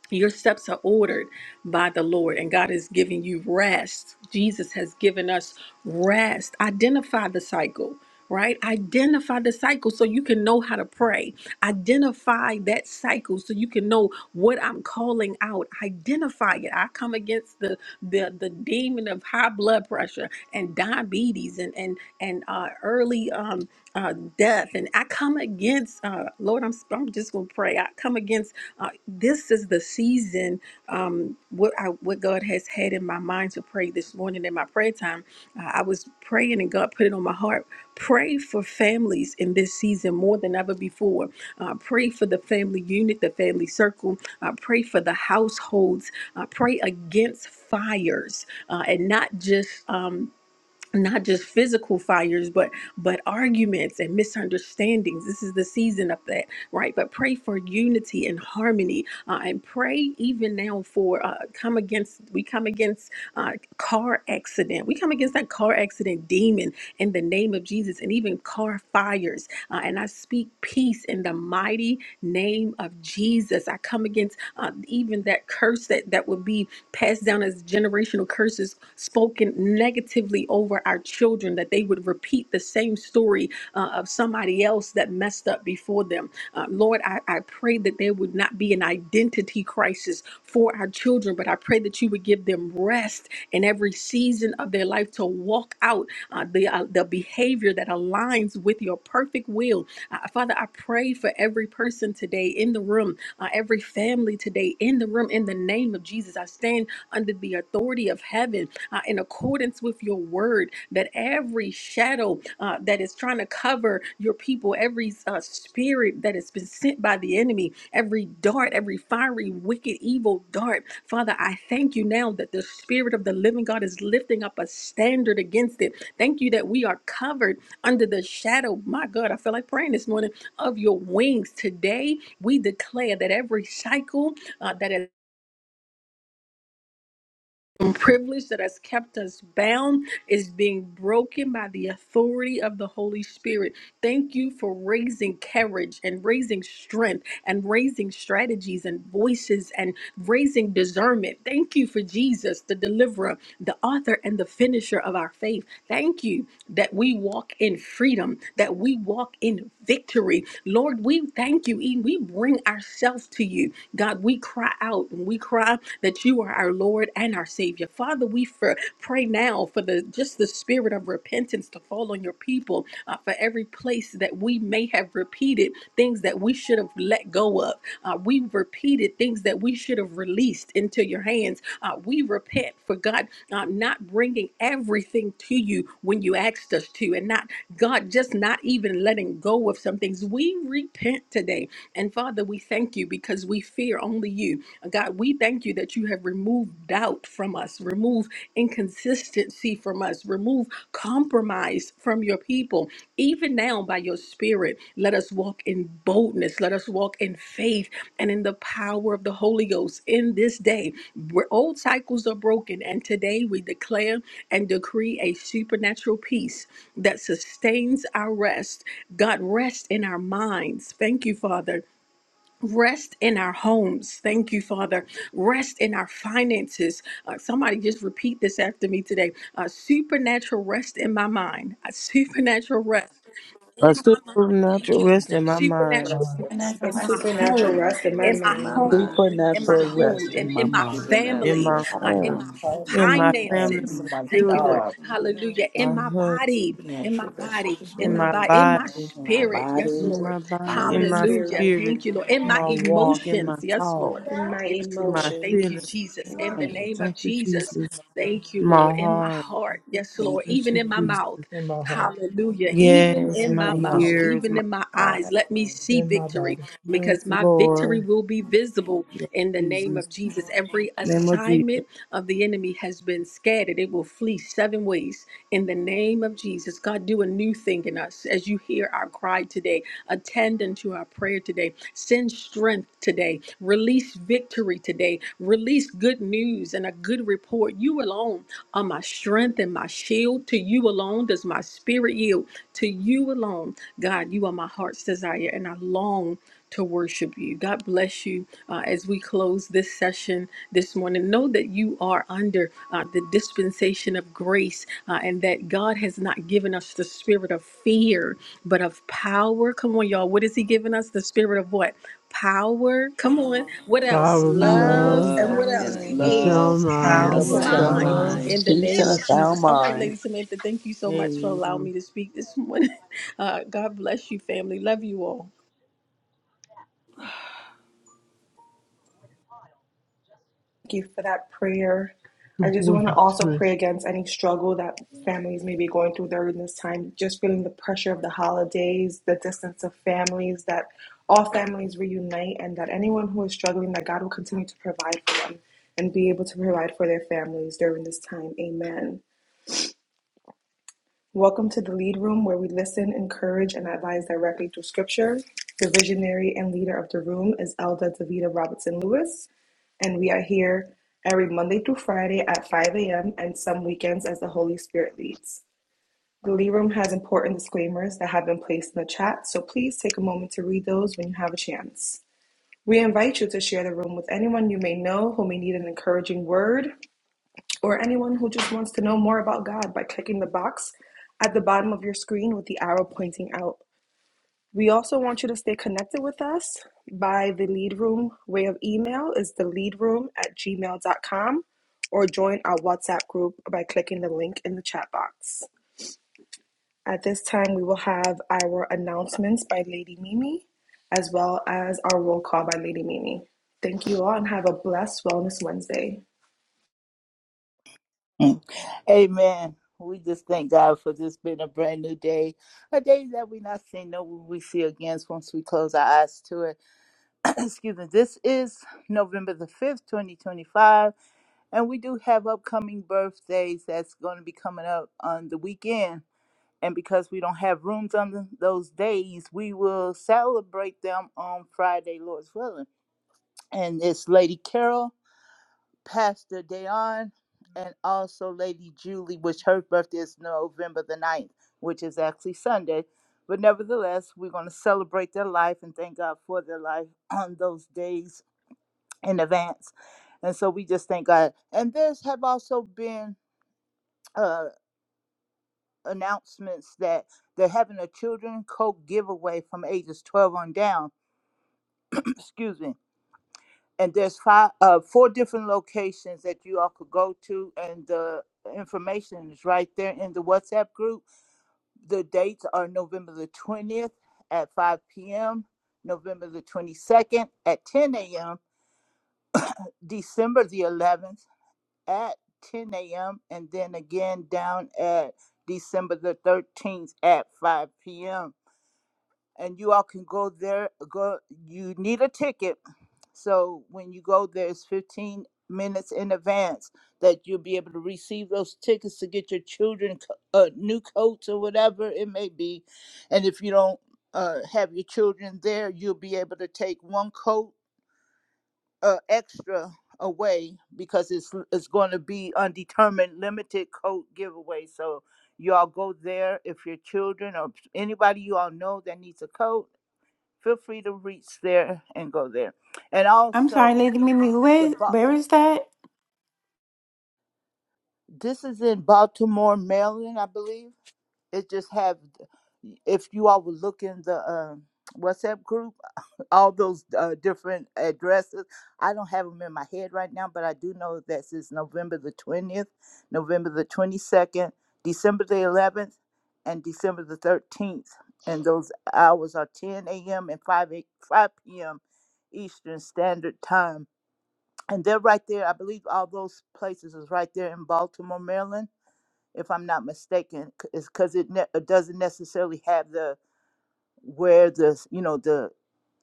Speaker 6: Your steps are ordered by the Lord, and God is giving you rest. Jesus has given us rest. Identify the cycle, right? Identify the cycle so you can know how to pray. Identify that cycle so you can know what I'm calling out. Identify it. I come against the the, the demon of high blood pressure and diabetes and and and uh, early um, uh, death. And I come against uh, Lord. I'm I'm just gonna pray. I come against. uh, this is the season um, what I, what God has had in my mind to pray this morning in my prayer time. Uh, I was praying and God put it on my heart. Pray for families in this season more than ever before. Uh, pray for the family unit, the family circle. Uh, pray for the households. Uh, pray against fires uh, and not just. Um, not just physical fires but but arguments and misunderstandings this is the season of that right but pray for unity and harmony uh, and pray even now for uh, come against we come against uh, car accident we come against that car accident demon in the name of jesus and even car fires uh, and i speak peace in the mighty name of jesus i come against uh, even that curse that that would be passed down as generational curses spoken negatively over our children, that they would repeat the same story uh, of somebody else that messed up before them. Uh, Lord, I, I pray that there would not be an identity crisis for our children, but I pray that you would give them rest in every season of their life to walk out uh, the, uh, the behavior that aligns with your perfect will. Uh, Father, I pray for every person today in the room uh, every family today in the room. In the name of Jesus, I stand under the authority of heaven uh, in accordance with your word that every shadow uh, that is trying to cover your people, every uh, spirit that has been sent by the enemy, every dart, every fiery, wicked, evil dart, Father, I thank you now that the spirit of the living God is lifting up a standard against it. Thank you that we are covered under the shadow. My God, I feel like praying this morning of your wings. Today, we declare that every cycle uh, that has and privilege that has kept us bound is being broken by the authority of the Holy Spirit. Thank you for raising courage and raising strength and raising strategies and voices and raising discernment. Thank you for Jesus, the deliverer, the author, and the finisher of our faith. Thank you that we walk in freedom, that we walk in victory. Lord, we thank you. E- We bring ourselves to you. God, we cry out and we cry God, that you are our Lord and our Savior. Father, we for, pray now for the just the spirit of repentance to fall on your people uh, for every place that we may have repeated things that we should have let go of. Uh, we repeated things that we should have released into your hands. Uh, we repent for God uh, not bringing everything to you when you asked us to, and not God just not even letting go of some things. We repent today, and Father, we thank you because we feel fear, only you. God, we thank you that you have removed doubt from us, remove inconsistency from us, remove compromise from your people. Even now, by your spirit, let us walk in boldness, let us walk in faith and in the power of the Holy Ghost in this day. Where old cycles are broken, and today we declare and decree a supernatural peace that sustains our rest. God, rest in our minds. Thank you, Father Rest in our homes. Thank you, Father. Rest in our finances. Uh, somebody just repeat this after me today. Uh, supernatural rest in my mind. A supernatural rest
Speaker 12: A
Speaker 6: in my mind. Thank
Speaker 12: supernatural
Speaker 6: you, Lord.
Speaker 12: rest
Speaker 8: Supernatural
Speaker 12: in my mind,
Speaker 6: Supernatural
Speaker 4: That's
Speaker 8: mind
Speaker 4: the
Speaker 6: rest
Speaker 4: mom-
Speaker 1: A
Speaker 6: in my
Speaker 10: A
Speaker 9: It's My
Speaker 4: my
Speaker 1: supernatural
Speaker 6: home,
Speaker 9: mind.
Speaker 1: rest
Speaker 10: supernatural
Speaker 1: in my
Speaker 6: in
Speaker 10: rest
Speaker 6: my
Speaker 10: in my
Speaker 1: mind,
Speaker 6: home,
Speaker 10: mind,
Speaker 6: in
Speaker 4: previous
Speaker 6: my
Speaker 3: Supernatural
Speaker 4: thing I'm
Speaker 6: home,
Speaker 3: rest
Speaker 4: just-
Speaker 3: in
Speaker 6: in,
Speaker 3: my
Speaker 6: in my
Speaker 3: mind.
Speaker 10: supernatural
Speaker 12: in
Speaker 6: family,
Speaker 12: my
Speaker 10: rest in
Speaker 6: uh,
Speaker 4: and
Speaker 10: my
Speaker 6: in
Speaker 12: home,
Speaker 10: heart,
Speaker 6: my
Speaker 4: I'm home
Speaker 10: in
Speaker 4: and
Speaker 10: my
Speaker 12: in my
Speaker 4: I
Speaker 12: family,
Speaker 6: finances.
Speaker 4: am
Speaker 12: my
Speaker 4: my
Speaker 6: Thank you, Lord.
Speaker 12: children,
Speaker 4: dog.
Speaker 6: Hallelujah. In
Speaker 12: my
Speaker 6: my
Speaker 12: husband,
Speaker 6: body. In my
Speaker 4: Natural rest for
Speaker 6: body,
Speaker 4: this
Speaker 6: in
Speaker 12: in
Speaker 6: my
Speaker 12: my
Speaker 4: word.
Speaker 6: body, in my
Speaker 12: body,
Speaker 13: Thank
Speaker 14: my
Speaker 6: spirit, yes,
Speaker 14: body,
Speaker 12: in
Speaker 6: Lord.
Speaker 12: my body,
Speaker 1: in my
Speaker 12: in
Speaker 14: mind,
Speaker 12: my
Speaker 14: and soul.
Speaker 6: Hallelujah.
Speaker 1: spirit,
Speaker 12: spirit,
Speaker 6: Thank you, Lord. In my
Speaker 12: my walk, in my
Speaker 6: emotions, yes, Lord.
Speaker 12: talk,
Speaker 1: in my
Speaker 6: Yes,
Speaker 12: my
Speaker 6: Lord. Thank you,
Speaker 12: feelings.
Speaker 1: emotions.
Speaker 6: Jesus. In the
Speaker 14: Thank you.
Speaker 1: Amen.
Speaker 14: Jesus.
Speaker 6: name of
Speaker 12: Thank you,
Speaker 6: Jesus,
Speaker 12: Jesus.
Speaker 6: thank you,
Speaker 12: My
Speaker 6: Lord. In my
Speaker 12: heart.
Speaker 6: heart, yes,
Speaker 14: Thank
Speaker 6: Lord.
Speaker 14: you,
Speaker 12: Thank
Speaker 6: Even
Speaker 14: Jesus.
Speaker 12: you,
Speaker 6: in my
Speaker 12: Jesus.
Speaker 6: mouth.
Speaker 8: in my heart,
Speaker 6: Hallelujah. Even
Speaker 12: Yes,
Speaker 6: in
Speaker 8: in
Speaker 6: my
Speaker 8: my
Speaker 12: my
Speaker 14: Thank you,
Speaker 8: mouth,
Speaker 6: mouth,
Speaker 14: Jesus.
Speaker 12: ears,
Speaker 6: even
Speaker 12: my
Speaker 6: in my eyes,
Speaker 12: eyes.
Speaker 6: let me see
Speaker 8: in my
Speaker 6: victory
Speaker 8: body,
Speaker 12: Yes,
Speaker 6: because my victory
Speaker 12: Lord.
Speaker 6: will be visible
Speaker 12: Yes,
Speaker 6: in the name
Speaker 12: Jesus.
Speaker 6: of Jesus. Every
Speaker 12: Name of Jesus.
Speaker 6: assignment of the enemy has been scattered, it will flee seven ways in the name of Jesus. God, do a new thing in us as you hear our cry today. Attend unto our prayer today. Send strength today. Release victory today. Release good news and a good report. You alone are my strength and my shield. To you alone does my spirit yield. To you alone, God, you are my heart's desire, and I long to worship you. God bless you uh, as we close this session this morning. Know that you are under uh, the dispensation of of grace uh, and that God has not given us the spirit of fear, but of power. Come on, y'all. What is He giving us? The spirit of what? Power. Come on. What else?
Speaker 11: Power of
Speaker 1: I
Speaker 10: power,
Speaker 1: will
Speaker 6: Love.
Speaker 11: love
Speaker 6: And
Speaker 10: love,
Speaker 6: what
Speaker 1: sound
Speaker 6: else?
Speaker 10: and
Speaker 11: and
Speaker 1: mine.
Speaker 6: A
Speaker 10: love,
Speaker 11: sound
Speaker 1: I will
Speaker 8: and
Speaker 10: a
Speaker 8: of
Speaker 11: mind,
Speaker 8: the
Speaker 12: Power,
Speaker 6: sound
Speaker 1: sound
Speaker 8: sound
Speaker 10: sound
Speaker 11: sound
Speaker 6: mind
Speaker 8: mind.
Speaker 1: mine.
Speaker 12: love.
Speaker 11: mind.
Speaker 10: mind.
Speaker 6: in the
Speaker 3: Peace in
Speaker 6: name
Speaker 3: a
Speaker 6: of
Speaker 3: sound
Speaker 6: Jesus. All right,
Speaker 3: mind.
Speaker 6: Lady Samantha, thank you so much for allowing
Speaker 12: Amen.
Speaker 6: me to speak this morning. (laughs) Uh, God bless you, family. Love you all.
Speaker 1: Thank you for that prayer. I
Speaker 11: Good
Speaker 1: just want to
Speaker 11: morning,
Speaker 1: also pray
Speaker 11: Smith.
Speaker 1: against any struggle that families may be going through during this time, just feeling the pressure of the holidays, the distance of families, that all families reunite, and that anyone who is struggling, that God will continue to provide for them and be able to provide for their families during this time. Amen. Welcome to the Lead Room, where we listen, encourage, and advise directly through Scripture. The visionary and leader of the room is Elda Davida Robertson Lewis and we are here every Monday through Friday at 5 a.m. and some weekends as the Holy Spirit leads. The Lee Room has important disclaimers that have been placed in the chat, so please take a moment to read those when you have a chance. We invite you to share the room with anyone you may know who may need an encouraging word or anyone who just wants to know more about God by clicking the box at the bottom of your screen with the arrow pointing out. We also want you to stay connected with us by the lead room way of email is the lead room at gmail dot com, or join our WhatsApp group by clicking the link in the chat box. At this time, we will have our announcements by Lady Mimi as well as our roll call by Lady Mimi. Thank you all and have a blessed Wellness Wednesday,
Speaker 15: (laughs) Mm. Amen. We just thank God for this being a brand new day, a day that we not seen, no will we see again once we close our eyes to it. (clears throat) Excuse me. This is November the 5th, 2025, and we do have upcoming birthdays that's going to be coming up on the weekend. And because we don't have rooms on th- those days, we will celebrate them on Friday, Lord's willing. And it's Lady Carol. Pastor Dayon, and also Lady Julie, which her birthday is November the ninth, which is actually Sunday. But nevertheless, we're going to celebrate their life and thank God for their life (clears throat) on those days in advance. And so we just thank God. And there's have also been uh, announcements that they're having a children coke giveaway from ages 12 on down. (clears throat) Excuse me and there's five uh four different locations that you all could go to and the information is right there in the whatsapp group the dates are november the 20th at 5 p.m november the 22nd at 10 a.m december the 11th at 10 a.m and then again down at december the 13th at 5 p.m and you all can go there go you need a ticket So when you go there, it's 15 minutes in advance that you'll be able to receive those tickets to get your children co- uh, new coats or whatever it may be. And if you don't uh, have your children there, you'll be able to take one coat uh, extra away because it's it's going to be undetermined limited coat giveaway. So you all go there if your children or anybody you all know that needs a coat, feel free to reach there and go there. And
Speaker 9: I'm sorry,
Speaker 15: also,
Speaker 9: Lady Mimi.
Speaker 15: the
Speaker 9: Where
Speaker 15: Ba-
Speaker 9: where is that?
Speaker 15: this is in Baltimore, Maryland, I believe. It just have if you all would look in the um WhatsApp group, all those uh, different addresses. I don't have them in my head right now, but I do know that since November the twentieth, November the twenty second, December the eleventh, and December the thirteenth, and those hours are ten a.m. and 5 a, 5 p.m. Eastern Standard Time and they're right there. I believe all those places is right there in Baltimore, Maryland, if I'm not mistaken. c- Is because it, ne- it doesn't necessarily have the where the you know the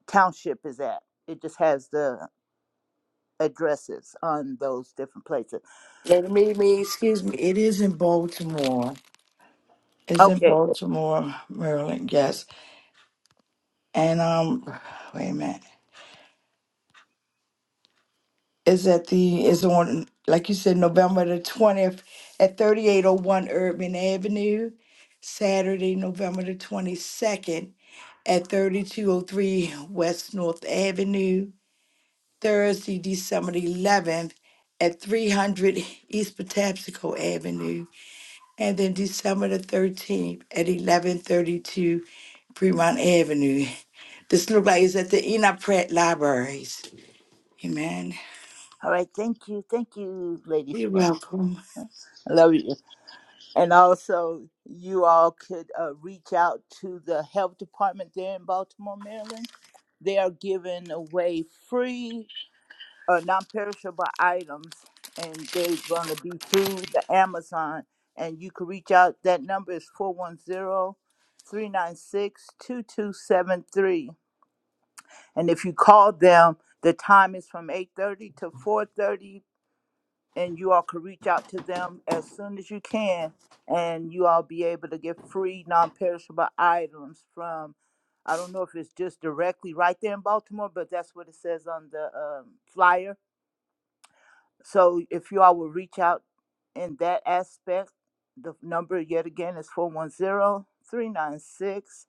Speaker 15: township is at. It just has the addresses on those different places.
Speaker 4: Let me, me, excuse me. It is in Baltimore. It's in
Speaker 15: Okay,
Speaker 4: Baltimore, Maryland. Yes, and um, wait a minute. It's at the. It's on, like you said, November the twentieth at thirty eight oh one Urban Avenue. Saturday, November the twenty second. at 3203 West North Avenue, Thursday, December the 11th, at 300 East Patapsco Avenue, and then December the 13th at 1132 Fremont Avenue. This look like it's at the Enoch Pratt Libraries. Amen.
Speaker 15: all right. Thank you, thank you, Lady
Speaker 4: You're
Speaker 15: Spring.
Speaker 4: welcome.
Speaker 15: I love you. And also, you all could uh, reach out to the health department there in Baltimore, Maryland. They are giving away free. uh, non-perishable items, and they're going to be through the Amazon. And you can reach out. That number is four one zero, three nine six two two seven three. And if you call them, the time is from 8.30 to 4.30, and you all can reach out to them as soon as you can, and you all be able to get free non-perishable items from I don't know if it's just directly right there in Baltimore, but that's what it says on the um, flyer so if you all will reach out in that aspect, the number yet again is four one zero three nine six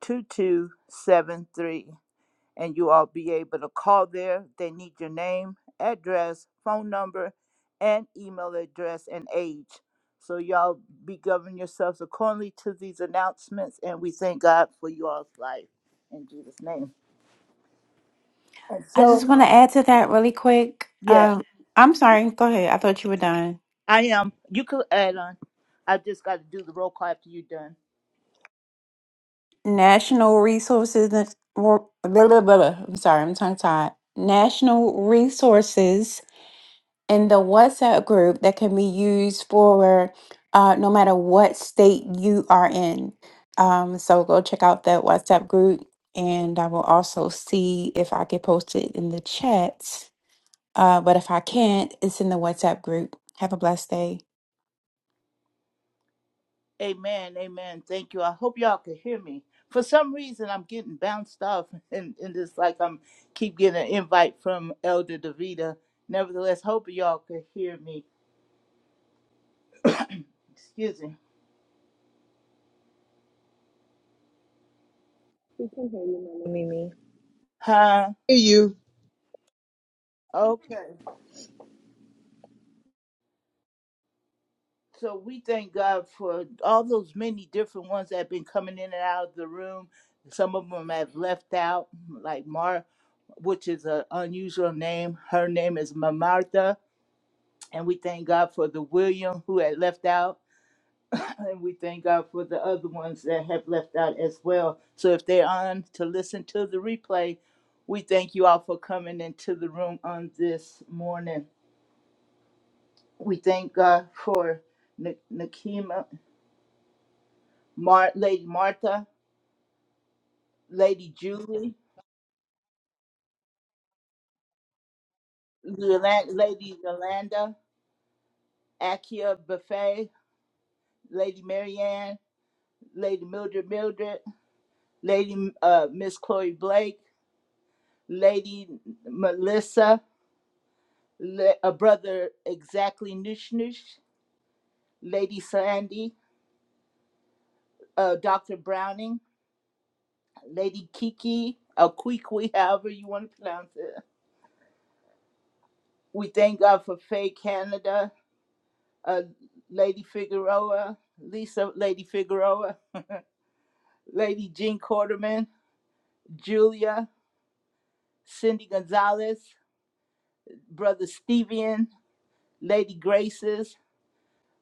Speaker 15: two two seven three, And you all be able to call there. They need your name, address, phone number, and email address and age. So y'all be governing yourselves accordingly to these announcements. And we thank God for you all's life in Jesus' name. And
Speaker 9: I just
Speaker 15: so,
Speaker 9: want to add to that really quick.
Speaker 15: yes.
Speaker 9: Um, I'm sorry. Go ahead. I thought you were done.
Speaker 15: I am. You could add on. I just got to do the roll call after you're done.
Speaker 9: National Resources. Blah, blah, blah, blah. I'm sorry. I'm tongue tied. National Resources in the WhatsApp group that can be used for uh, no matter what state you are in. Um, so go check out that WhatsApp group, and I will also see if I can post it in the chat. Uh, but if I can't, it's in the WhatsApp group. Have a blessed day.
Speaker 15: Amen. Amen. Thank you. I hope y'all can hear me. For some reason, I'm getting bounced off, (laughs) and, and it's like I'm keep getting an invite from Elder Davita. Nevertheless, hope y'all can hear me. Excuse me.
Speaker 1: Mama Mimi.
Speaker 15: Huh?
Speaker 5: Hey, you.
Speaker 15: Okay. So we thank God for all those many different ones that have been coming in and out of the room. Some of them have left out, like Mar, which is an unusual name. Her name is Mamartha. And we thank God for the William who had left out. (clears throat) And we thank God for the other ones that have left out as well. So if they're on to listen to the replay, we thank you all for coming into the room on this morning. We thank God for Nakima. Mar- Lady Martha, Lady Julie, Yolan- Lady Yolanda, Akia Buffet, Lady Marianne, Lady Mildred Mildred, Lady uh, Miss Chloe Blake, Lady Melissa, Le- uh, Brother Exactly Nush Nush, Lady Sandy, uh, Dr. Browning, Lady Kiki, Akwikwi, (laughs) however you want to pronounce it. We thank God for Faye Canada, uh, Lady Figueroa, Lisa Lady Figueroa, (laughs) Lady Jean Quarterman, Julia, Cindy Gonzalez, Brother Stevian, Lady Graces,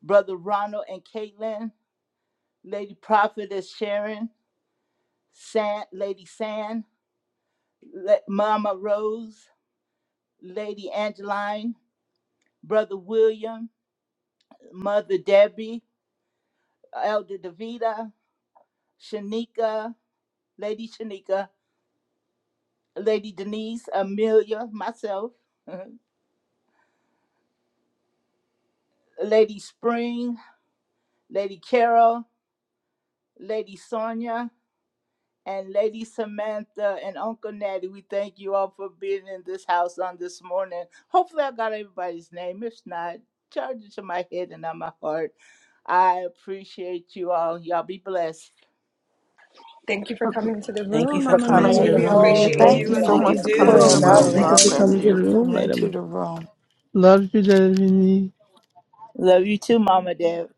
Speaker 15: Brother Ronald and Caitlin, Lady Prophetess Sharon, San, Lady San, Le- Mama Rose, Lady Angeline, Brother William, Mother Debbie, Elder Davida, Shanika, Lady Shanika, Lady Denise, Amelia, myself, (laughs) Lady Spring, Lady Carol, Lady Sonia, and Lady Samantha and Uncle Natty. We thank you all for being in this house on this morning. Hopefully, I got everybody's name. If not, charge it to my head and not my heart. I appreciate you all. Y'all be blessed.
Speaker 1: Thank you for coming into the
Speaker 14: Thank you
Speaker 1: room,
Speaker 14: for
Speaker 16: for
Speaker 1: Mama
Speaker 14: coming
Speaker 16: coming
Speaker 14: into
Speaker 16: in
Speaker 1: Mimi.
Speaker 14: the
Speaker 8: Thank
Speaker 16: the
Speaker 8: you
Speaker 2: Ladies,
Speaker 1: We
Speaker 8: for
Speaker 14: room.
Speaker 8: coming to
Speaker 2: Amelia,
Speaker 16: room,
Speaker 8: the
Speaker 1: appreciate
Speaker 2: thank
Speaker 16: Lady
Speaker 4: Thank
Speaker 8: room,
Speaker 2: you
Speaker 1: you and
Speaker 4: you,
Speaker 2: so
Speaker 1: all
Speaker 10: Thank you
Speaker 1: you
Speaker 2: much
Speaker 10: for
Speaker 2: for
Speaker 16: Amelia.
Speaker 10: being
Speaker 1: do.
Speaker 2: coming to
Speaker 10: in
Speaker 16: We
Speaker 8: Lady
Speaker 4: prayer
Speaker 2: the
Speaker 10: the
Speaker 5: Shalom.
Speaker 16: love
Speaker 2: room.
Speaker 10: room,
Speaker 8: Amelia.
Speaker 14: Amen.
Speaker 12: Thank
Speaker 4: warrior,
Speaker 12: you
Speaker 2: God
Speaker 12: for
Speaker 10: Lady
Speaker 16: you.
Speaker 2: bless
Speaker 12: coming to the
Speaker 2: you.
Speaker 10: Amelia.
Speaker 12: room,
Speaker 4: coming
Speaker 12: later.
Speaker 4: into the room.
Speaker 11: Love you, David.
Speaker 15: Love you too, Mama Deb.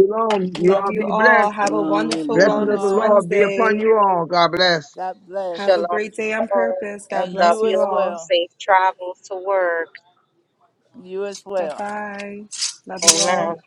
Speaker 5: Shalom. You
Speaker 1: Love
Speaker 5: all
Speaker 1: you
Speaker 5: be
Speaker 1: all.
Speaker 5: blessed.
Speaker 1: Have a
Speaker 10: Shalom,
Speaker 1: wonderful
Speaker 5: Blessings
Speaker 10: everyone.
Speaker 5: of the
Speaker 1: Wellness
Speaker 15: Oh,
Speaker 5: Lord be upon
Speaker 1: Wednesday.
Speaker 5: you all. God bless.
Speaker 15: God
Speaker 1: Have a
Speaker 15: bless.
Speaker 16: Shalom.
Speaker 1: great day on purpose.
Speaker 15: And
Speaker 1: God
Speaker 16: Love
Speaker 1: bless
Speaker 15: you
Speaker 1: you
Speaker 16: you
Speaker 15: as
Speaker 16: all.
Speaker 1: all.
Speaker 15: well.
Speaker 16: Safe travels to work.
Speaker 15: You as
Speaker 1: Bye
Speaker 15: well.
Speaker 1: bye. Love you all.
Speaker 16: Amen.